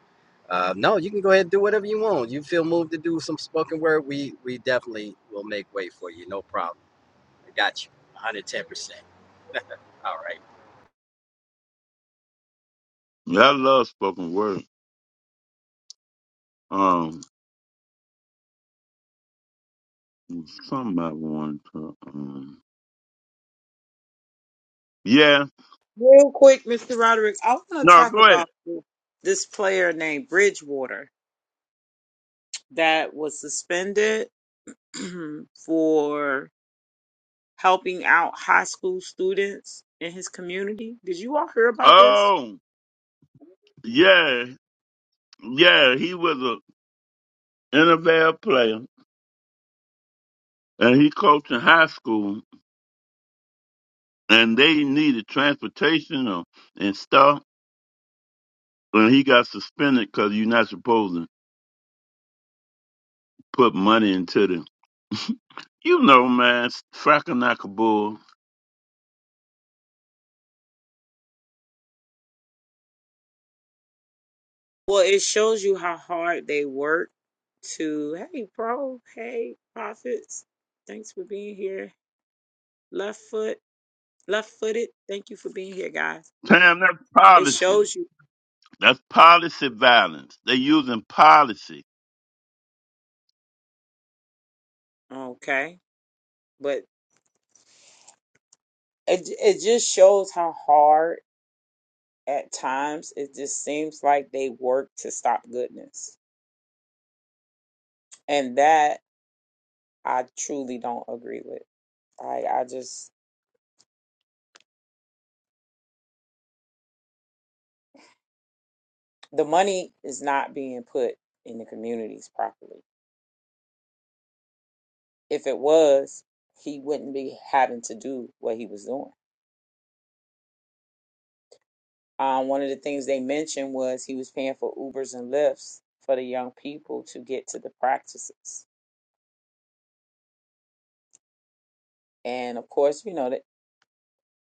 Speaker 8: uh, no, you can go ahead and do whatever you want. You feel moved to do some spoken word, we we definitely will make way for you. No problem. I got you. 110%. All right.
Speaker 1: Yeah, I love spoken word. Um, something I want to. Um, yeah.
Speaker 2: Real quick, Mr. Roderick, I want to
Speaker 1: No,
Speaker 2: talk
Speaker 1: go ahead.
Speaker 2: about this player named Bridgewater that was suspended for helping out high school students in his community. Did you all hear about this?
Speaker 1: Oh, yeah, yeah. He was a NFL player, and he coached in high school. and they needed transportation or, and stuff. And he got suspended because you're not supposed to put money into them. You know, man, Frackanakaboo.
Speaker 2: Well, it shows you how hard they work to, hey, bro, hey, prophets, thanks for being here. Left foot, left footed, thank you for being here, guys.
Speaker 1: Damn, that's
Speaker 2: It
Speaker 1: policy.
Speaker 2: shows you,
Speaker 1: That's policy violence. They using policy.
Speaker 2: okay, but it, it just shows how hard at times it just seems like they work to stop goodness. And that I truly don't agree with. I, I just the money is not being put in the communities properly. If it was, he wouldn't be having to do what he was doing. Um, one of the things they mentioned was he was paying for Ubers and Lyfts for the young people to get to the practices. And of course, you know that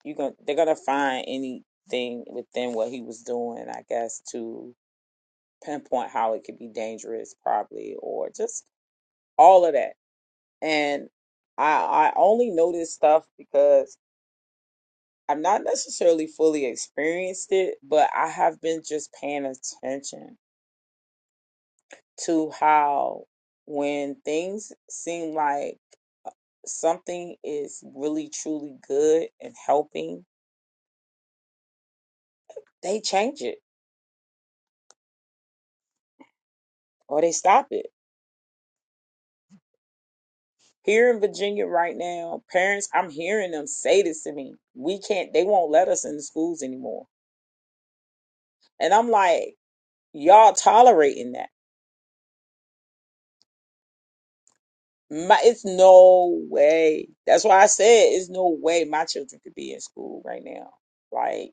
Speaker 2: you going they're gonna find anything within what he was doing, I guess, to pinpoint how it could be dangerous, probably, or just all of that. And I I only know this stuff because I've not necessarily fully experienced it, but I have been just paying attention to how when things seem like something is really truly good and helping, they change it or they stop it. Here in Virginia right now, parents, I'm hearing them say this to me. We can't, they won't let us in the schools anymore. And I'm like, y'all tolerating that. My, it's no way. That's why I said it's no way my children could be in school right now. Like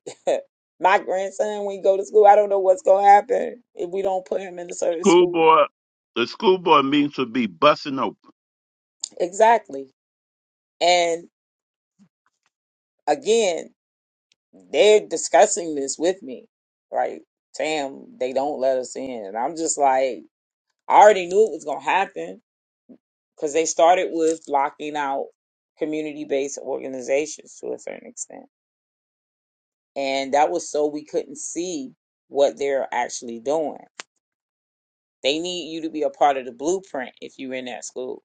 Speaker 2: my grandson, when he go to school, I don't know what's gonna happen if we don't put him in a certain
Speaker 1: School
Speaker 2: school.
Speaker 1: board, the school board meetings would be busting open.
Speaker 2: Exactly. And again, they're discussing this with me. Right, Tam, they don't let us in, and I'm just like, I already knew it was gonna happen because they started with blocking out community-based organizations to a certain extent and that was so we couldn't see what they're actually doing. They need you to be a part of the blueprint if you're in that school.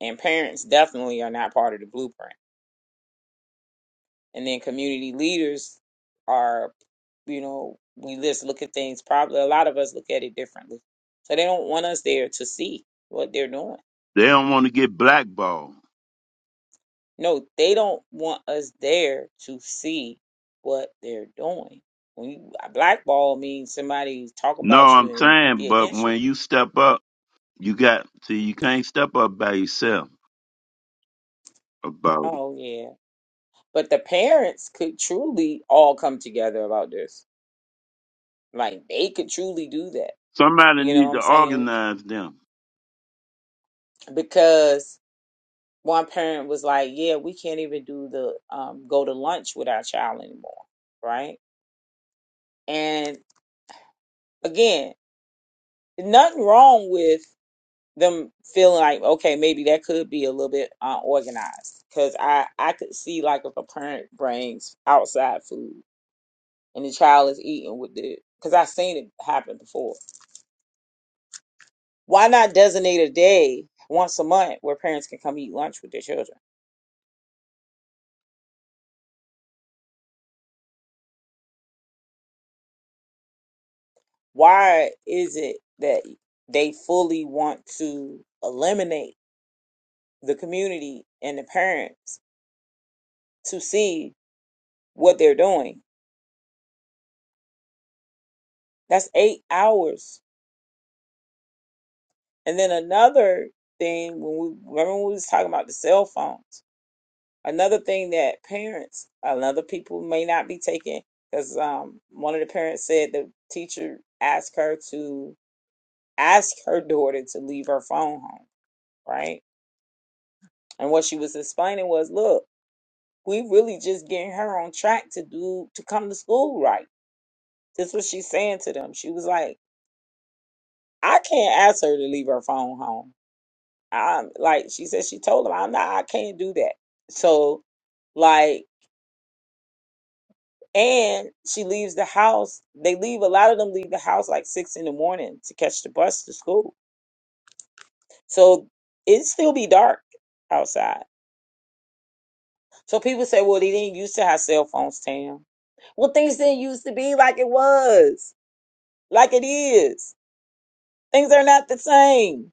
Speaker 2: And parents definitely are not part of the blueprint. And then community leaders are, you know, we just look at things probably a lot of us look at it differently. So they don't want us there to see what they're doing.
Speaker 1: They don't want to get blackballed.
Speaker 2: No, they don't want us there to see what they're doing. When you a blackball means somebody talk
Speaker 1: No,
Speaker 2: about you
Speaker 1: I'm
Speaker 2: and
Speaker 1: saying,
Speaker 2: be
Speaker 1: but
Speaker 2: against you.
Speaker 1: when you step up, you got, see, you can't step up by yourself about it.
Speaker 2: Oh yeah, But the parents could truly all come together about this. Like they could truly do that.
Speaker 1: Somebody
Speaker 2: You know
Speaker 1: need
Speaker 2: what
Speaker 1: to
Speaker 2: I'm saying?
Speaker 1: organize them.
Speaker 2: Because one parent was like, "Yeah, we can't even do the um, go to lunch with our child anymore." Right? And again, nothing wrong with them feeling like, okay, maybe that could be a little bit unorganized. Because I I could see like if a parent brings outside food and the child is eating with it, because I've seen it happen before Why not designate a day once a month where parents can come eat lunch with their children? Why is it that they fully want to eliminate the community and the parents to see what they're doing? That's eight hours. And then another thing when we remember when we was talking about the cell phones, another thing that parents another people may not be taking because um one of the parents said the teacher asked her to asked her daughter to leave her phone home, right? And what she was explaining was, look, we really just getting her on track to do to come to school right. This is what she's saying to them. She was like, I can't ask her to leave her phone home. I'm like she said she told them, I'm not I can't do that. So like and she leaves the house. They leave a lot of them leave the house like six in the morning to catch the bus to school. So it still be dark outside So people say, well, they didn't used to have cell phones, Tam. Well, things didn't used to be like it was, like it is. Things are not the same.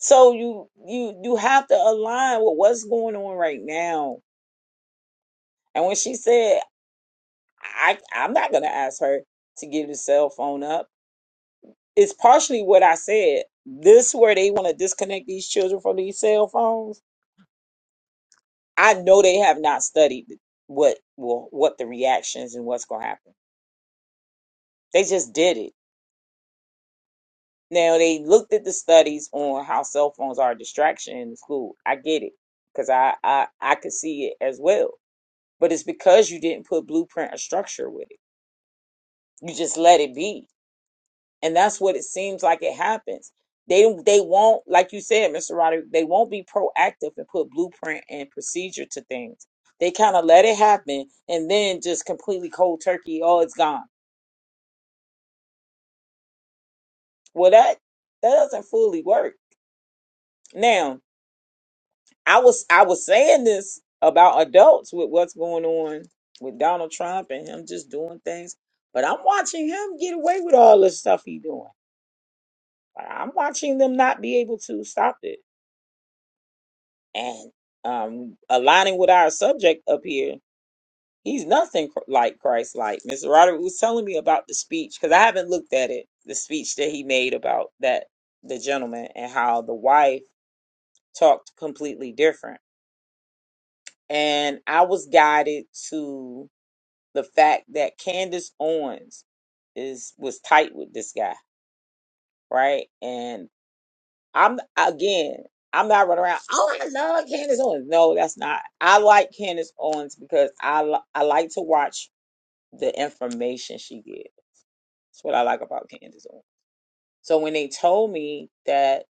Speaker 2: So you you you have to align with what's going on right now. And when she said, I I'm not gonna ask her to give the cell phone up, it's partially what I said. This where they want to disconnect these children from these cell phones. I know they have not studied what well what the reactions and what's gonna happen. They just did it Now they looked at the studies on how cell phones are a distraction in school. I get it because I, I I could see it as well. But it's because you didn't put blueprint or structure with it. You just let it be, and that's what it seems like it happens. They they won't like you said, Mr. Roderick. They won't be proactive and put blueprint and procedure to things. They kind of let it happen and then just completely cold turkey. Oh, it's gone. Well, that that doesn't fully work. Now I was I was saying this about adults with what's going on with Donald Trump and him just doing things, but I'm watching him get away with all the stuff he's doing. I'm watching them not be able to stop it. And um, aligning with our subject up here, he's nothing cr- like Christ. Like Mr. Roderick was telling me about the speech because I haven't looked at it. The speech that he made about that the gentleman and how the wife talked completely different, and I was guided to the fact that Candace Owens is was tight with this guy, right? And I'm again, I'm not running around. Oh, I love Candace Owens. No, that's not. I like Candace Owens because I li- I like to watch the information she gives. That's what I like about Candace Owens. So when they told me that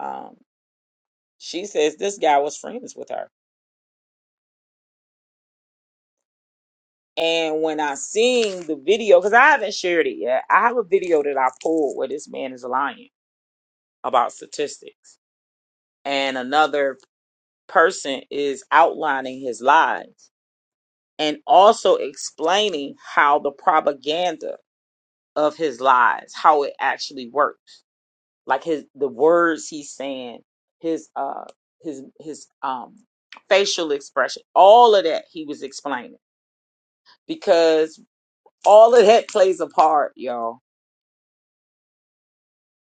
Speaker 2: um, she says this guy was friends with her, and when I seen the video, because I haven't shared it yet, I have a video that I pulled where this man is lying about statistics and another person is outlining his lies and also explaining how the propaganda of his lies how it actually works like his the words he's saying his uh his his um facial expression all of that he was explaining because all of that plays a part y'all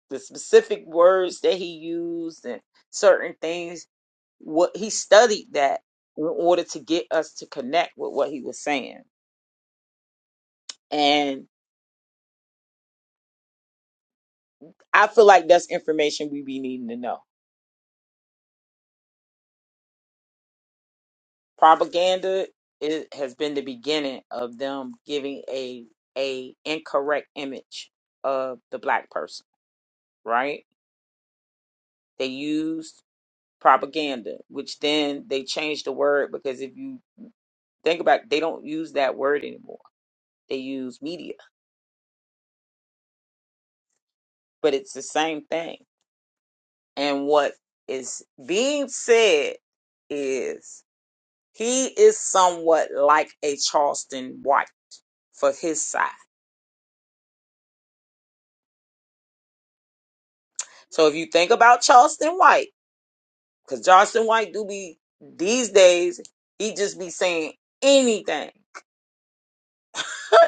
Speaker 2: the specific words that he used and certain things what he studied that in order to get us to connect with what he was saying and i feel like that's information we be needing to know propaganda it has been the beginning of them giving a a incorrect image of the black person right they used propaganda which then they changed the word because if you think about it, they don't use that word anymore they use media but it's the same thing. And what is being said is he is somewhat like a Charleston White for his side. So if you think about Charleston White, because Charleston White do be these days, he just be saying anything.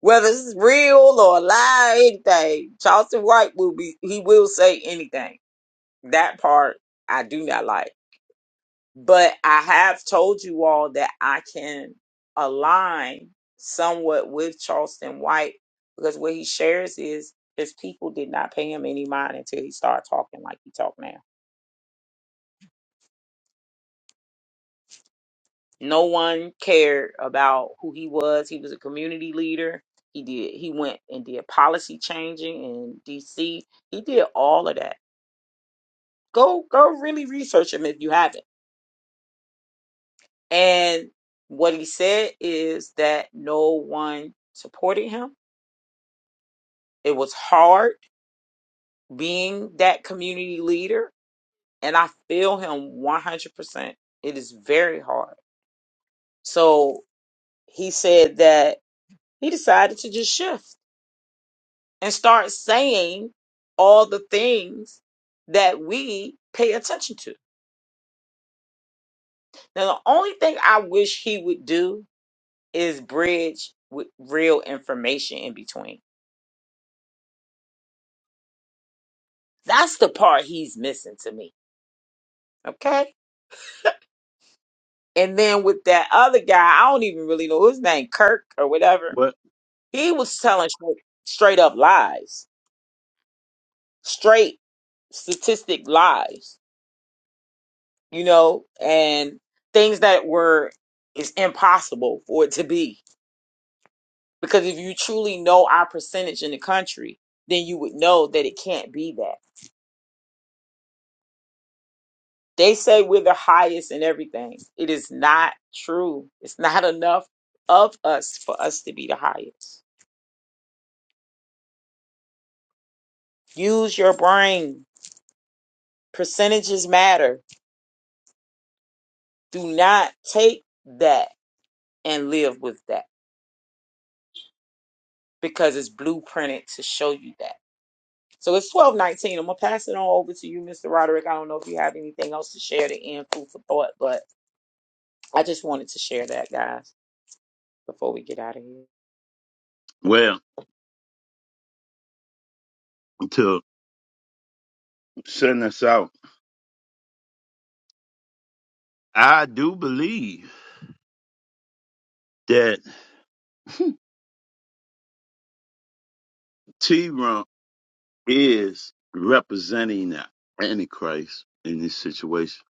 Speaker 2: Whether it's real or a lie, anything. Charleston White will be he will say anything. That part I do not like. But I have told you all that I can align somewhat with Charleston White because what he shares is his people did not pay him any mind until he started talking like he talked now. No one cared about who he was. He was a community leader. He did he went and did policy changing in DC. He did all of that. Go go really research him if you haven't. And what he said is that no one supported him It was hard being that community leader, and I feel him 100%. It is very hard. So he said that he decided to just shift and start saying all the things that we pay attention to. Now, the only thing I wish he would do is bridge with real information in between. That's the part he's missing to me. Okay And then with that other guy, I don't even really know his name, Kirk or whatever.
Speaker 1: What?
Speaker 2: He was telling straight, straight up lies, straight statistic lies, you know, and things that were is impossible for it to be. Because if you truly know our percentage in the country, then you would know that it can't be that. They say we're the highest in everything. It is not true. It's not enough of us for us to be the highest. Use your brain Percentages matter. Do not take that and live with that because it's blueprinted to show you that. So it's 1219. I'm going to pass it on over to you, Mr. Roderick. I don't know if you have anything else to share to end food for thought, but I just wanted to share that, guys, before we get out of here.
Speaker 1: Well, to send us out, I do believe that T Rump is representing the Antichrist in this situation.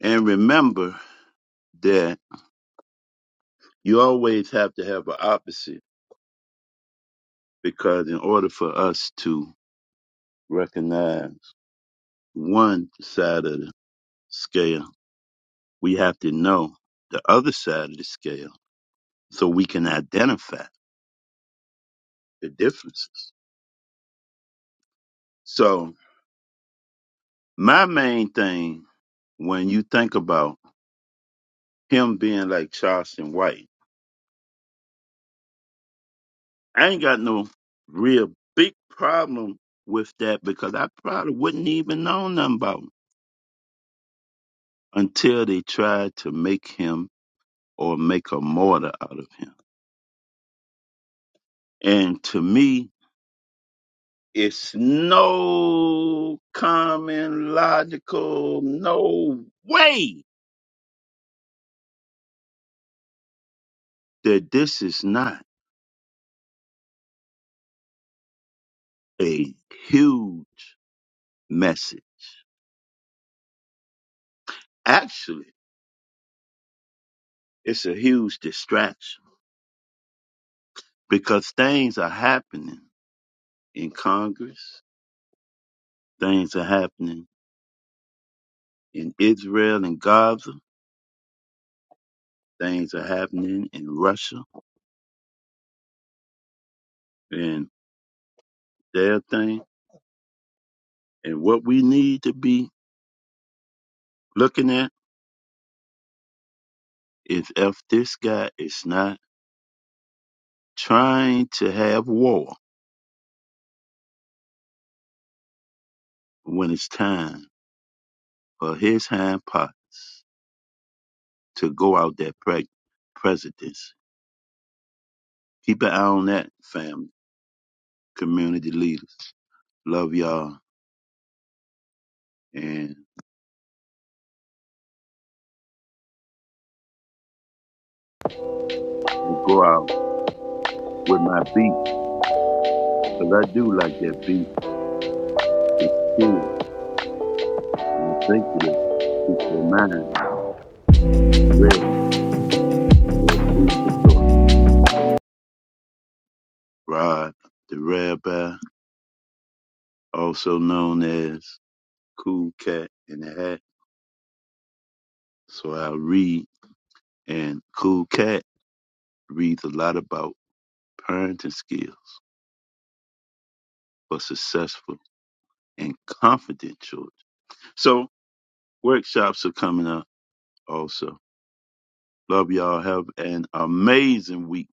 Speaker 1: And remember that you always have to have an opposite because in order for us to recognize one side of the scale, we have to know the other side of the scale so we can identify the differences. So My main thing when you think about him being like Charleston White, I ain't got no real big problem with that because I probably wouldn't even know nothing about him until they tried to make him or make a martyr out of him. And to me, it's no common logical, no way that this is not a huge message. Actually, It's a huge distraction because things are happening in Congress, things are happening in Israel and Gaza, things are happening in Russia and their thing. And what we need to be looking at is if this guy is not trying to have war when it's time for his hand parts to go out that pre- presidency. Keep an eye on that, family, community leaders. Love y'all. And and go out with my beat. 'Cause I do like that beat too. And I think that it's the mind, Rod, the rabbi, also known as Cool Cat in the Hat. So I read, and Cool Cat reads a lot about parenting skills for successful and confident children. So workshops are coming up also. Love y'all. Have an amazing week.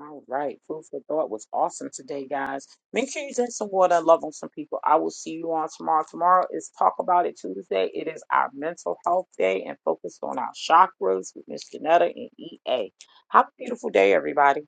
Speaker 2: All right. Food for thought was awesome today, guys. Make sure you drink some water. Love on some people. I will see you on tomorrow. Tomorrow is Talk About It Tuesday. It is our mental health day and focused on our chakras with Miss Janetta and EA. Have a beautiful day, everybody.